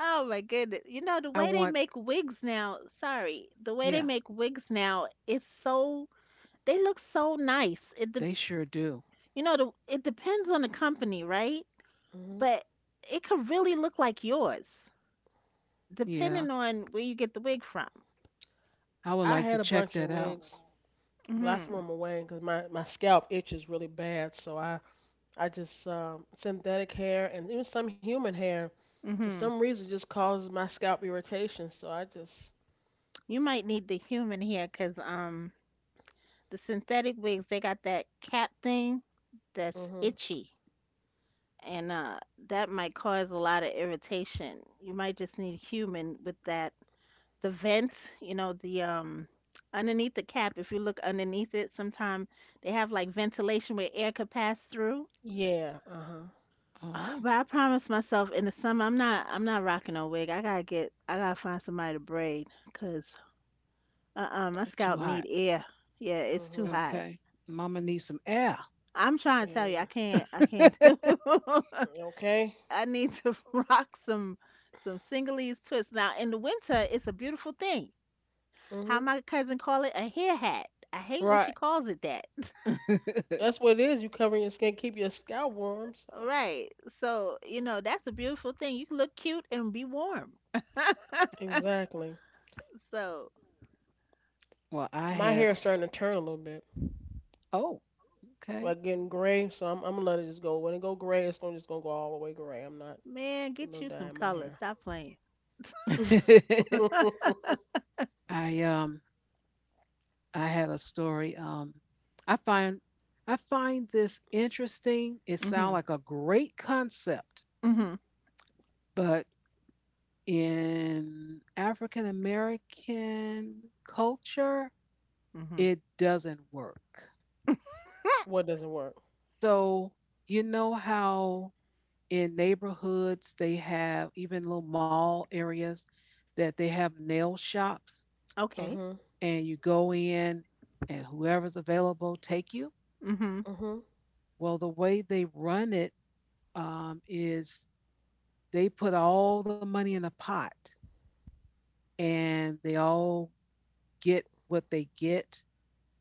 S2: Oh my goodness. You know,
S1: I
S2: the way they
S1: want
S2: make wigs now, sorry, The way they
S1: Yeah,
S2: make wigs now, it's so, they look so nice.
S1: they sure do.
S2: You know, it depends on the company, right?
S3: Mhm.
S2: But it could really look like yours,
S1: Yeah.
S2: depending on where you get the wig from.
S1: I would
S3: I
S1: like to
S3: had a
S1: check
S3: bunch of
S1: that out.
S3: wigs, but I threw
S2: hmm
S3: them away because my scalp itches really bad. So I just synthetic hair and even some human hair, for
S2: hmm
S3: some reason, just causes my scalp irritation. So I just.
S2: You might need the human here because, the synthetic wigs, they got that cap thing that's
S3: Mhm.
S2: itchy, and that might cause a lot of irritation. You might just need human with that. The vent, you know, the underneath the cap. If you look underneath it, sometimes they have like ventilation where air could pass through.
S3: Yeah. Uh huh.
S1: Oh,
S2: But I promised myself in the summer I'm not rocking no wig. I gotta find somebody to braid because my
S1: they're too
S2: scalp
S1: hot.
S2: need air. Yeah, it's too
S3: Mhm.
S2: hot.
S1: Okay. Mama needs some air.
S2: I'm trying to tell you, I
S3: And
S2: can't. I can't do.
S3: okay.
S2: I need to rock some singlets twists. Now in the winter, it's a beautiful thing. How
S3: Mhm.
S2: my cousin call it a hair hat. I hate when she
S1: Right.
S2: calls it that.
S3: That's what it is. You covering your skin, keep your scalp warm. So.
S2: Right. So you know that's a beautiful thing. You can look cute and be warm.
S3: Exactly.
S2: So
S1: well, I
S3: My hair
S1: had
S3: is starting to turn a little bit,
S1: Oh, okay.
S3: like getting gray. So I'm gonna let it just go. When it go gray, it's gonna just gonna go all the way gray. I'm not
S2: man,
S3: putting
S2: get
S3: no
S2: you
S3: dye
S2: some
S3: in my
S2: color.
S3: hair.
S2: Stop playing.
S1: I um I had a story. I find I find this interesting. It sounds
S2: Mhm.
S1: like a great concept,
S2: Mhm.
S1: but in African American culture,
S2: Mhm.
S1: it doesn't work.
S3: What doesn't work?
S1: So you know how in neighborhoods they have even little mall areas that they have nail shops,
S2: Okay.
S3: Mhm.
S1: and you go in, and whoever's available take you.
S2: Mhm.
S3: Mhm.
S1: Well, the way they run it is they put all the money in a pot and they all get what they get.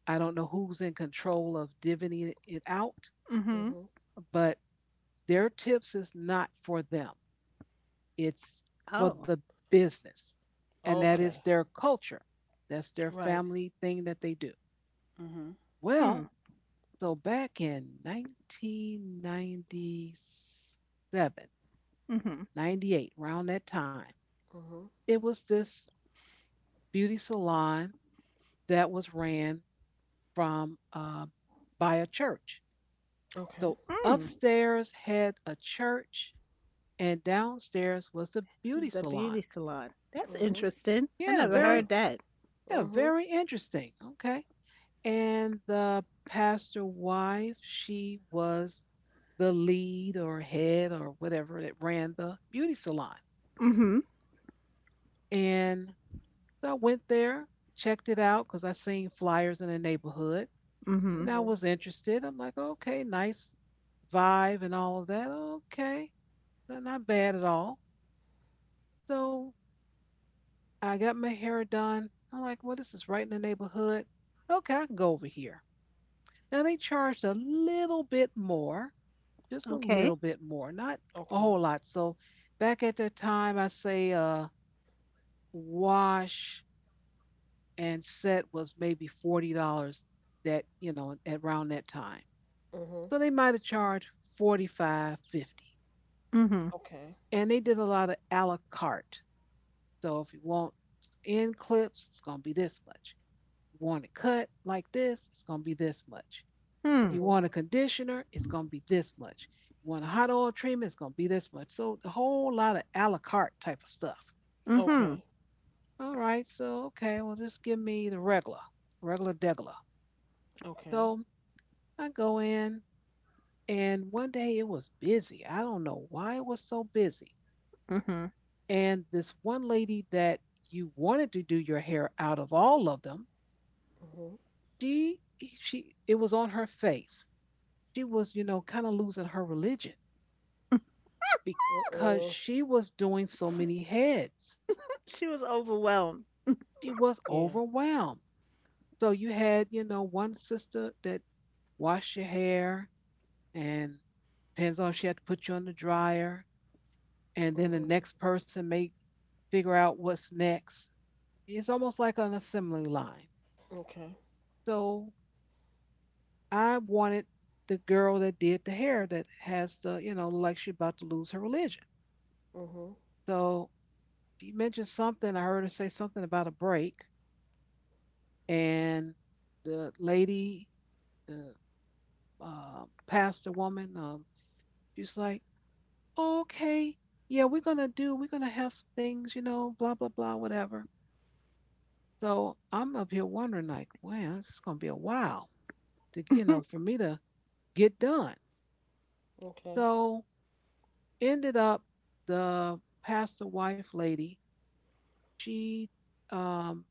S1: I don't know who's in control of divvying it out,
S2: Mhm.
S3: Mhm.
S1: but their tips is not for them. It's for
S2: Oh.
S1: the business. And that is
S3: Okay.
S1: their culture. That's their
S3: Right.
S1: family thing that they do.
S3: Mhm.
S1: Well,
S2: Mm.
S1: so back in 1997,
S2: Mhm.
S1: 98, around that time,
S3: Mhm.
S1: it was this beauty salon that was ran from by a church. So
S3: Okay.
S2: Mm.
S1: upstairs had a church, and downstairs was the beauty
S2: The
S1: salon.
S2: beauty salon. That's
S3: Mhm.
S2: interesting. I
S1: Yeah,
S2: never
S3: Yeah.
S1: very
S2: heard that.
S1: yeah,
S3: Mhm.
S1: very interesting. Okay, and the pastor wife, she was the lead or head or whatever that ran the beauty salon.
S2: Mhm,
S1: And so I went there, checked it out because I seen flyers in the neighborhood.
S2: mhm.
S1: And I
S3: Mhm.
S1: was interested. I'm like, okay, nice vibe and all of that. Okay, not not bad at all. So I got my hair done. I'm like, well, this is right in the neighborhood. Okay, I can go over here. Now they charged a little bit more, just a
S2: Okay.
S1: little bit more, not a
S3: Okay.
S1: whole lot. So back at that time, I say wash and set was maybe $40. That you know, at around that time.
S3: Mhm.
S1: So they might have charged 45, 50.
S2: Mhm.
S3: Okay.
S1: And they did a lot of a la carte. So if you want end clips, it's going to be this much. You want it cut like this, it's going to be this much.
S2: Hmm.
S1: You
S3: Mhm.
S1: want a conditioner, it's going to be this much. You want a hot oil treatment, it's going to be this much. So a whole lot of a la carte type of stuff.
S3: Okay.
S2: Mhm.
S1: All right, so okay, well, just give me the regular degular.
S3: Okay.
S1: So I go in, and one day it was busy. I don't know why it was so busy.
S2: Mhm.
S1: And this one lady that you wanted to do your hair out of all of them,
S3: Mhm.
S1: she she it was on her face. She was, you know, kind of losing her religion
S3: Uh.
S1: because
S3: uh
S1: she was doing so many heads.
S2: She was overwhelmed.
S1: She was
S3: Yeah.
S1: overwhelmed. So you had, you know, one sister that washed your hair and depends on if she had to put you on the dryer. And then the
S3: Mhm.
S1: next person may figure out what's next. It's almost like an assembly line.
S3: Okay.
S1: So I wanted the girl that did the hair that has the, you know, like she about to lose her religion.
S3: Mhm.
S1: So she mentioned something. I heard her say something about a break, and the lady, the pastor woman, she's like, "Oh, "Okay, yeah, we're gonna do. We're gonna have some things, you know, blah blah blah, whatever." So I'm up here wondering, like, wow, this is gonna be a while to, you know, for me to get done.
S3: Okay.
S1: So ended up the pastor wife lady she um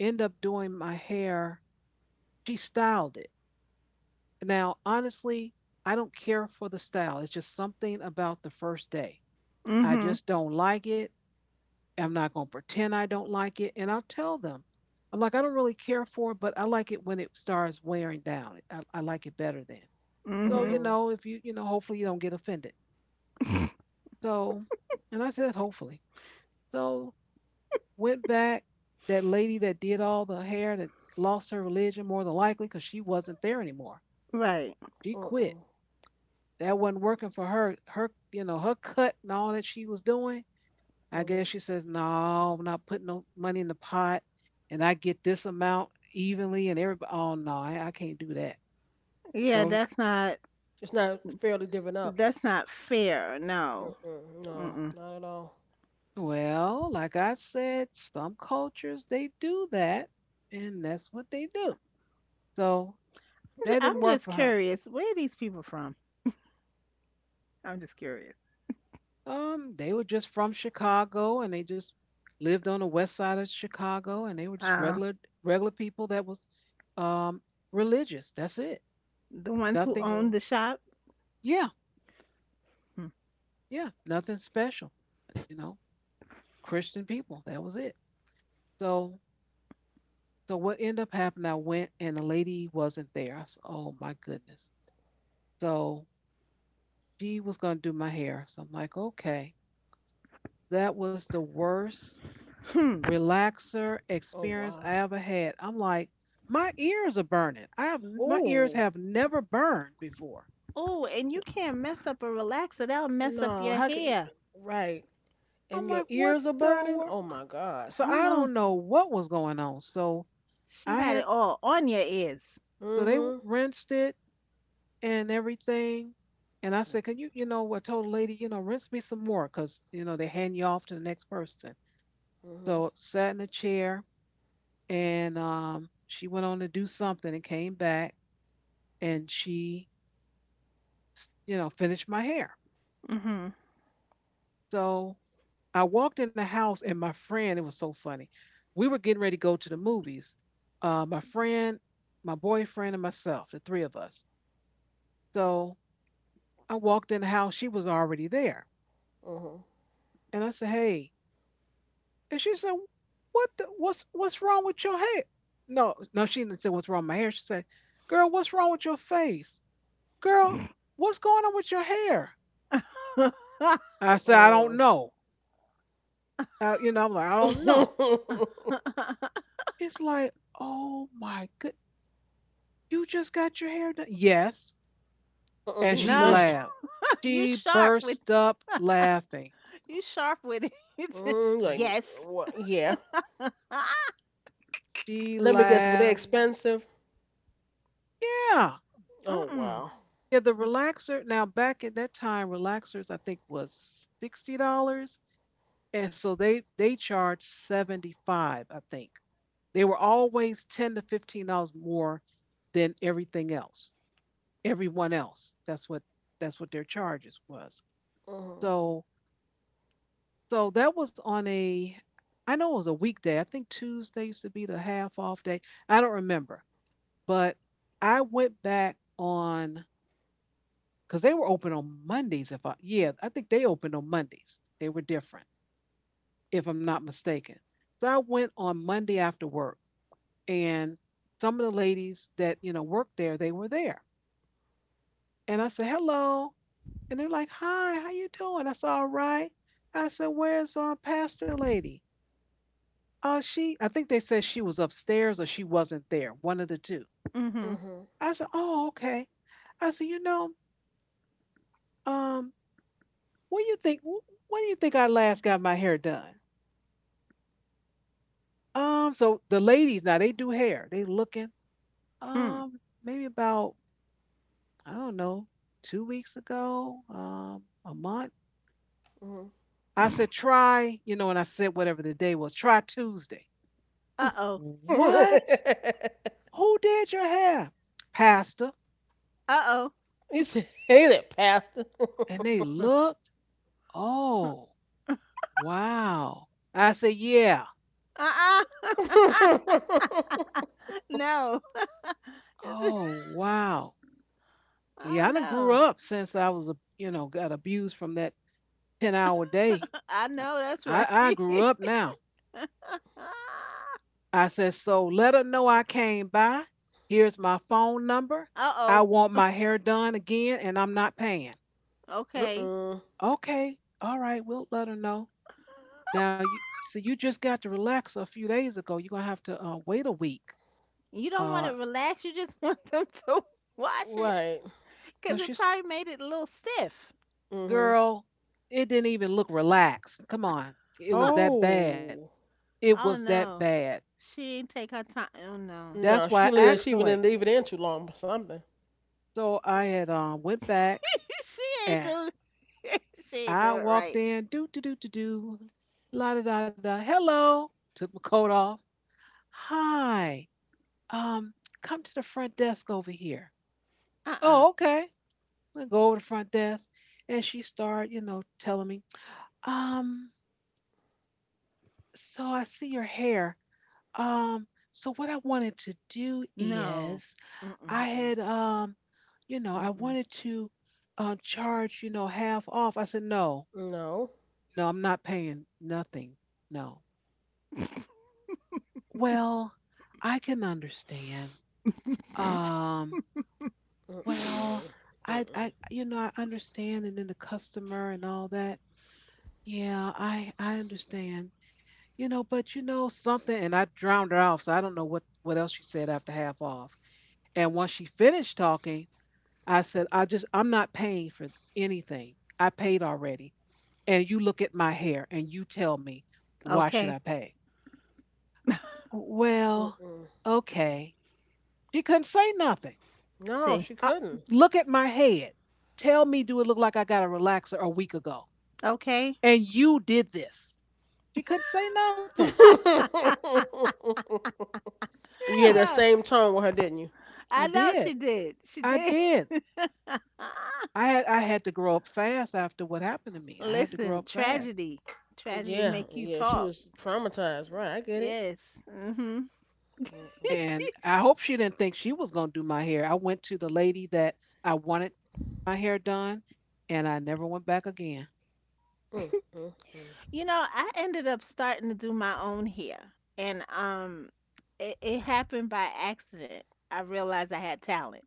S1: ended up doing my hair. She styled it. Now honestly, I don't care for the style. It's just something about the first day I
S2: Mhm.
S1: just don't like it. I'm not going to pretend I don't like it, and I'll tell them. I'm like, I don't really care for it, but I like it when it starts wearing down. I like it better then. So
S2: Mhm.
S1: you
S3: Mhm.
S1: know, if you you know hopefully you don't get offended. So, and I said hopefully. So, went back. That lady that did all the hair that lost her religion more than likely, because she wasn't there anymore.
S2: Right.
S1: She quit.
S3: Mm-mm.
S1: That wasn't working for her. You know, her cut and all that she was doing. I guess
S3: Mhm.
S1: she says, "No, I'm not putting no money in the pot, and I get this amount evenly." And everybody, oh no, I can't do that.
S2: Yeah,
S1: So,
S3: It's not fairly divvied up.
S2: that's not fair. No.
S3: Mm-mm.
S2: Mm-mm.
S3: No, not at all.
S1: well, like I said, some cultures they do that, and that's what they do. So that
S2: I'm
S1: didn't work
S2: just
S1: for her.
S2: curious. Where are these people from? I'm just curious.
S1: They were just from Chicago, and they just lived on the west side of Chicago, and they were just
S2: Uh,
S1: regular people that was um religious. That's it.
S2: the ones who
S1: Nothing's
S2: own
S3: Mhm.
S2: the shop.
S1: yeah,
S2: Hmm.
S1: yeah, nothing special. You know, Christian people. That was it. So so what ended up happening, I went and the lady wasn't there. I said, oh my goodness. So she was gonna do my hair. So I'm like, okay. That was the worst
S2: Hmm.
S1: relaxer
S3: Oh
S1: experience
S3: wow.
S1: I ever had. I'm like, my ears are burning. I have My ears
S3: Oh
S1: have never burned before.
S2: Oh, and you can't mess up a relaxer. That'll mess up
S3: no.
S2: your
S3: How could?
S2: hair.
S3: Right.
S1: I'm
S3: And your
S1: like, what
S3: ears are
S1: the
S3: burning.
S1: wor-?
S3: Oh my God.
S1: So
S2: Oh
S1: I don't
S2: no,
S1: know what was going on.
S2: she
S1: I
S2: had
S1: had,
S2: it all on your ears.
S1: so they
S3: Mhm.
S1: rinsed it and everything. And I
S3: Mm.
S1: said, can you, you know, I told the lady, you know, rinse me some more because, you know, they hand you off to the next person.
S3: Mhm.
S1: So sat in a chair, and she went on to do something and came back, and you know, finished my hair.
S2: Mhm.
S1: So I walked in the house, and my friend, it was so funny. We were getting ready to go to the movies. My friend, my boyfriend, and myself, the three of us. So I walked in the house. She was already there,
S3: Mhm.
S1: and I said, "Hey," and she said, " what's wrong with your hair?" No, no, she didn't say what's wrong with my hair. She said, "Girl, what's wrong with your face? Girl, what's going on with your hair?" I said, "I don't
S3: Mm-mm.
S1: know." You know, I'm like, "I don't know." It's like, oh my good. You just got your hair done? Yes.
S3: Mm-mm.
S1: And
S3: You was
S1: she
S2: No,
S3: mad.
S1: laughed.
S2: you
S1: She
S2: sharp with
S1: burst up laughing.
S2: you sharp with it.
S3: Mm, like
S2: Yes.
S3: what? Yeah.
S2: Ah,
S1: She
S3: Let me guess. Were they
S1: laughed.
S3: expensive?
S1: Yeah.
S3: Oh
S2: mm-mm.
S3: wow.
S1: Yeah, the relaxer. Now back at that time, relaxers I think was $60. And so they charged 75, I think. They were always $10 to $15 more than everything else. Everyone else. That's what their charges was.
S3: Mhm.
S1: So So that was on a, I know it was a weekday. I think Tuesday used to be the half off day. I don't remember. But I went back on, because they were open on Mondays. If I, yeah, I think they opened on Mondays. They were different, if I'm not mistaken. So I went on Monday after work, and some of the ladies that, you know, worked there, they were there. And I said, hello. And they're like, hi, how you doing? I said, all right. I said, where's Pastor Lady? I think they said she was upstairs or she wasn't there, one of the two.
S2: Mm-hmm.
S3: Mhm.
S1: I said, oh, okay. I said, you know, um, what do you think? When do you think I last got my hair done? So the ladies now they do hair. They looking,
S2: Hmm.
S1: maybe about I don't know, 2 weeks ago, a month.
S3: Mhm.
S1: I said try, you know, and I said whatever the day was, try Tuesday.
S2: Uh-oh.
S1: What? Who did your hair? Pastor.
S2: Uh-oh.
S3: You say that, Pastor.
S1: And they looked. Oh. Wow. I said, "Yeah."
S2: Uh-uh. No.
S1: Oh, wow.
S2: Oh
S1: Yeah, I done grew
S2: no.
S1: up since I was, a you know, got abused from that 10-hour day.
S2: I know that's right.
S1: I grew up now.
S2: Ah.
S1: I said, "So let her know I came by. Here's my phone number. I
S2: Uh-oh.
S1: want my hair done again and I'm not paying."
S2: Okay.
S3: Mm-mm.
S1: Okay. All right, we'll let her know. Now you so you just got to relax a few days ago. You're gonna have to wait a week.
S2: You don't want it
S1: Uh,
S2: relaxed. You just want them to wash it
S3: Right.
S1: so
S2: because it
S1: she's
S2: probably made it a little stiff.
S3: Mm-hmm.
S1: girl, it didn't even look relaxed. Come on. It was that bad.
S3: Oh.
S1: It was
S2: Oh
S1: that
S2: no.
S1: bad.
S2: She didn't take her time. Oh no.
S1: That's
S3: No, she
S1: why
S3: didn't leave that. She even didn't
S1: actually.
S3: leave it in too long or something.
S1: So I had went back,
S2: she ain't
S1: and
S2: do she ain't do
S1: I
S2: it
S1: walked
S2: right.
S1: in, do do do do do, la da da da. Hello. Took my coat off. Hi. Um, come to the front desk over here.
S2: Uh-uh.
S1: Oh, okay. I go over to the front desk, and she started, you know, telling me, um, so I see your hair. Um, so what I wanted to do
S2: No.
S1: is
S2: Mm-mm.
S1: I
S3: Mm-mm.
S1: had you know, I wanted to charge, you know, half off. I said, no,
S3: No.
S1: no, I'm not paying nothing. No. Well, I can understand.
S2: Mm-mm.
S1: Um, well,
S3: Mm-mm.
S1: I
S3: Mm-mm.
S1: I you know, I understand and then the customer and all that. Yeah, I understand. You know, but you know something and I drowned her off, so I don't know what else she said after half off. And once she finished talking, I said, I'm not paying for anything. I paid already. And you look at my hair and you tell me, why should I
S2: Okay.
S1: pay? Well,
S3: Mm-mm.
S1: okay. She couldn't say nothing.
S3: No,
S2: See.
S3: she
S1: I,
S3: couldn't.
S1: look at my head. Tell me, do it look like I got a relaxer a week ago?
S2: Okay.
S1: And you did this. She couldn't say nothing.
S3: And you had
S1: Yeah,
S3: that
S2: Yeah.
S3: same tone with her, didn't you?
S1: I
S2: I know
S1: did.
S2: she did. She
S1: I
S2: did.
S1: did. I had to grow up fast after what happened to me. I had to
S2: Listen,
S1: grow up fast.
S2: tragedy. Tragedy
S3: Yeah,
S2: make you
S3: yeah, she
S2: talk.
S3: was traumatized. Right, I get it.
S2: Yes. Mm-hmm.
S3: Mm-mm.
S1: And I hope she didn't think she was going to do my hair. I went to the lady that I wanted my hair done, and I never went back again.
S3: Mm-mm.
S2: You know, I ended up starting to do my own hair, and it happened by accident. I realized I had talent.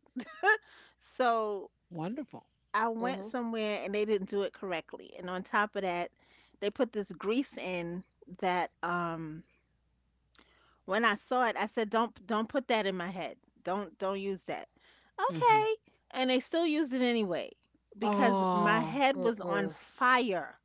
S2: So
S1: Wonderful.
S2: I went
S3: Mm-hmm.
S2: somewhere and they didn't do it correctly. And on top of that, they put this grease in that when I saw it, I said, don't put that in my head. Don't use that."
S1: Mm-hmm.
S2: Okay. And they still used it anyway because my
S1: Oh,
S2: head was on
S3: Mm-mm.
S2: fire.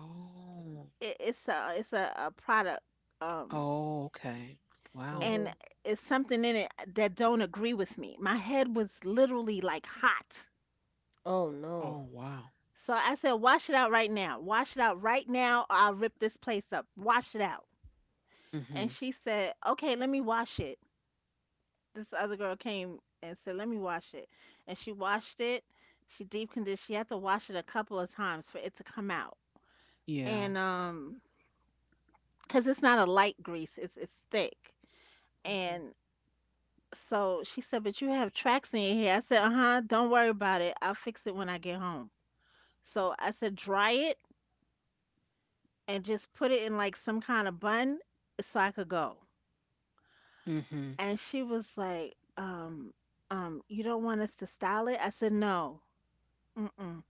S1: oh,
S2: It's a product um
S1: oh, okay. Wow.
S3: Mm-hmm.
S2: and it's something in it that don't agree with me. My head was literally like hot.
S3: Oh no.
S1: Oh, wow.
S2: So I said, wash it out right now. Wash it out right now, or I'll rip this place up. Wash it out.
S1: Mm-hmm.
S2: And she said, okay, let me wash it. This other girl came and said, let me wash it. And she washed it. She deep conditioned. She had to wash it a couple of times for it to come out. And,
S1: Yeah.
S2: because it's not a light grease, it's thick.
S3: Okay.
S2: And so she said, but you have tracks in your hair. I said, uh huh, don't worry about it. I'll fix it when I get home. So I said, dry it and just put it in like some kind of bun so I could go.
S1: Mm-hmm.
S2: And she was like, you don't want us to style it? I said, no, mm-mm,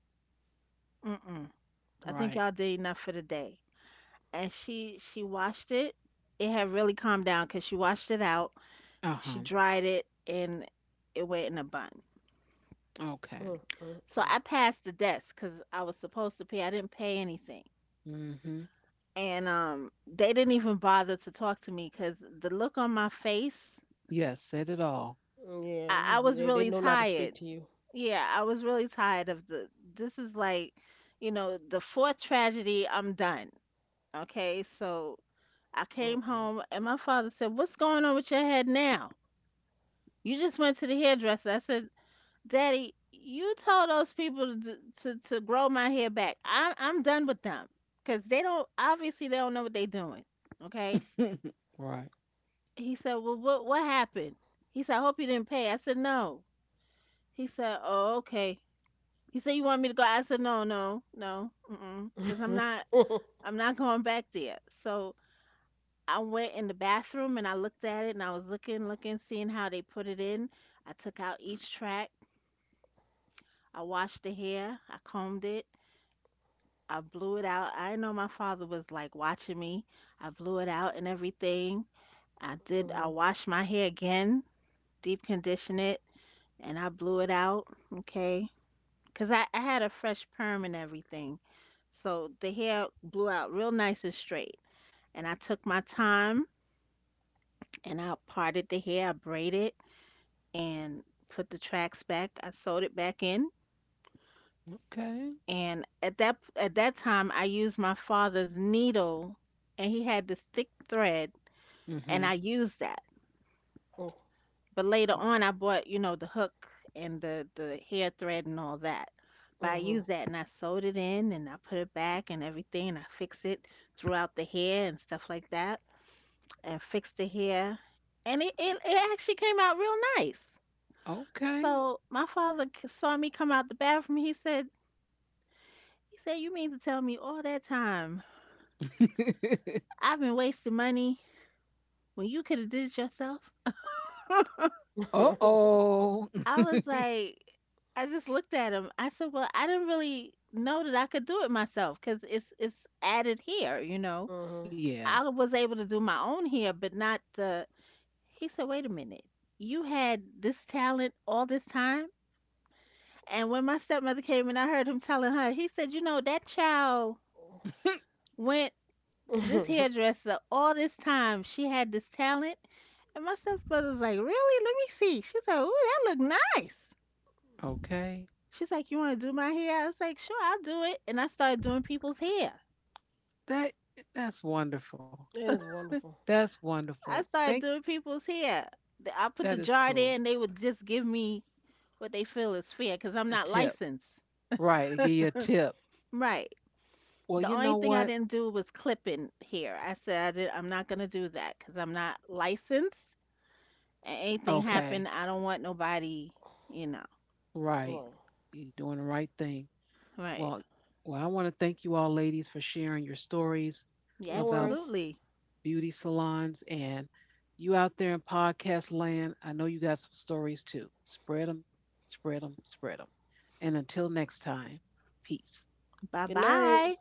S2: mm-mm. I think
S1: Right.
S2: y'all did enough for the day. And she washed it. It had really calmed down because she washed it out.
S1: Uh
S2: She
S1: huh.
S2: dried it and it went in a bun.
S3: Mm,
S1: Okay.
S3: mm,
S2: So
S3: mm.
S2: I passed the desk because I was supposed to pay. I didn't pay anything.
S1: Mm-hmm.
S2: And they didn't even bother to talk to me because the look on my face
S1: Yes, said it all.
S3: Mm, yeah, you was,
S2: I was
S3: they
S2: really
S3: know not to speak
S2: tired.
S3: to you.
S2: Yeah, I was really tired of the. This is like, you know, the fourth tragedy. I'm done. Okay, so I came
S3: Mm,
S2: home and my father said, "What's going on with your head now? You just went to the hairdresser." I said, "Daddy, you told those people to to grow my hair back. I'm done with them because they don't, obviously they don't know what they're doing." Okay,
S1: Right.
S2: he said, "Well, what happened?" He said, "I hope you didn't pay." I said, "No." He said, "Oh, okay." He said, "You want me to go?" I said, "No, no, no, mm, because
S3: mm.
S2: I'm not going back there." So I went in the bathroom and I looked at it and I was looking, looking, seeing how they put it in. I took out each track. I washed the hair. I combed it. I blew it out. I know my father was like watching me. I blew it out and everything. I did. I
S3: Mhm,
S2: washed my hair again, deep condition it, and I blew it out. Okay. Cause I had a fresh perm and everything. So the hair blew out real nice and straight. And I took my time and I parted the hair, I braided and put the tracks back. I sewed it back in.
S1: Okay.
S2: And at that time I used my father's needle and he had this thick thread and
S1: Mm-hmm.
S2: I used that. But later on, I bought, you know, the hook and the hair thread and all that.
S3: mhm,
S2: But I
S3: mm, mhm.
S2: used that and I sewed it in and I put it back and everything and I fixed it throughout the hair and stuff like that and fixed the hair and it actually came out real nice.
S1: Okay.
S2: So my father saw me come out the bathroom. He said, you mean to tell me all that time I've been wasting money when you could have did it yourself?
S1: Uh oh.
S2: I was like, I just looked at him. I said, "Well, I didn't really know that I could do it myself because it's added hair, you know.
S3: Mhm.
S1: Yeah.
S2: I was able to do my own hair, but not the." He said, "Wait a minute, you had this talent all this time." And when my stepmother came and I heard him telling her, he said, "You know, that child went to this hairdresser all this time. She had this talent." And my stepmother was like, "Really? Let me see." She's like, "Ooh, that look nice."
S1: Okay.
S2: She's like, you want to do my hair? I was like, sure, I'll do it. And I started doing people's hair.
S1: That that's wonderful.
S3: That is wonderful.
S1: That's wonderful.
S2: I
S1: Think
S2: started doing people's hair. I put
S1: that
S2: the
S1: is
S2: jar there
S1: cool.
S2: and they would just give me what they feel is fair because I'm
S1: A
S2: not
S1: tip.
S2: licensed.
S1: Right. They give you a tip.
S2: Right.
S1: Well,
S2: The
S1: you know
S2: only thing I
S1: what?
S2: didn't do was clipping hair. I said, I'm not going to do that because I'm not licensed. And anything
S1: Okay.
S2: happen, I don't want nobody, you know.
S1: Right.
S3: Right.
S1: You're doing the right thing.
S2: Right.
S1: Well, well, I want to thank you all ladies for sharing your stories
S2: Yeah,
S3: No
S1: about
S3: worries.
S2: absolutely.
S1: beauty salons, and you out there in podcast land. I know you got some stories too. Spread them, spread them, spread them. And until next time, peace.
S2: Bye
S3: Good night.
S2: bye.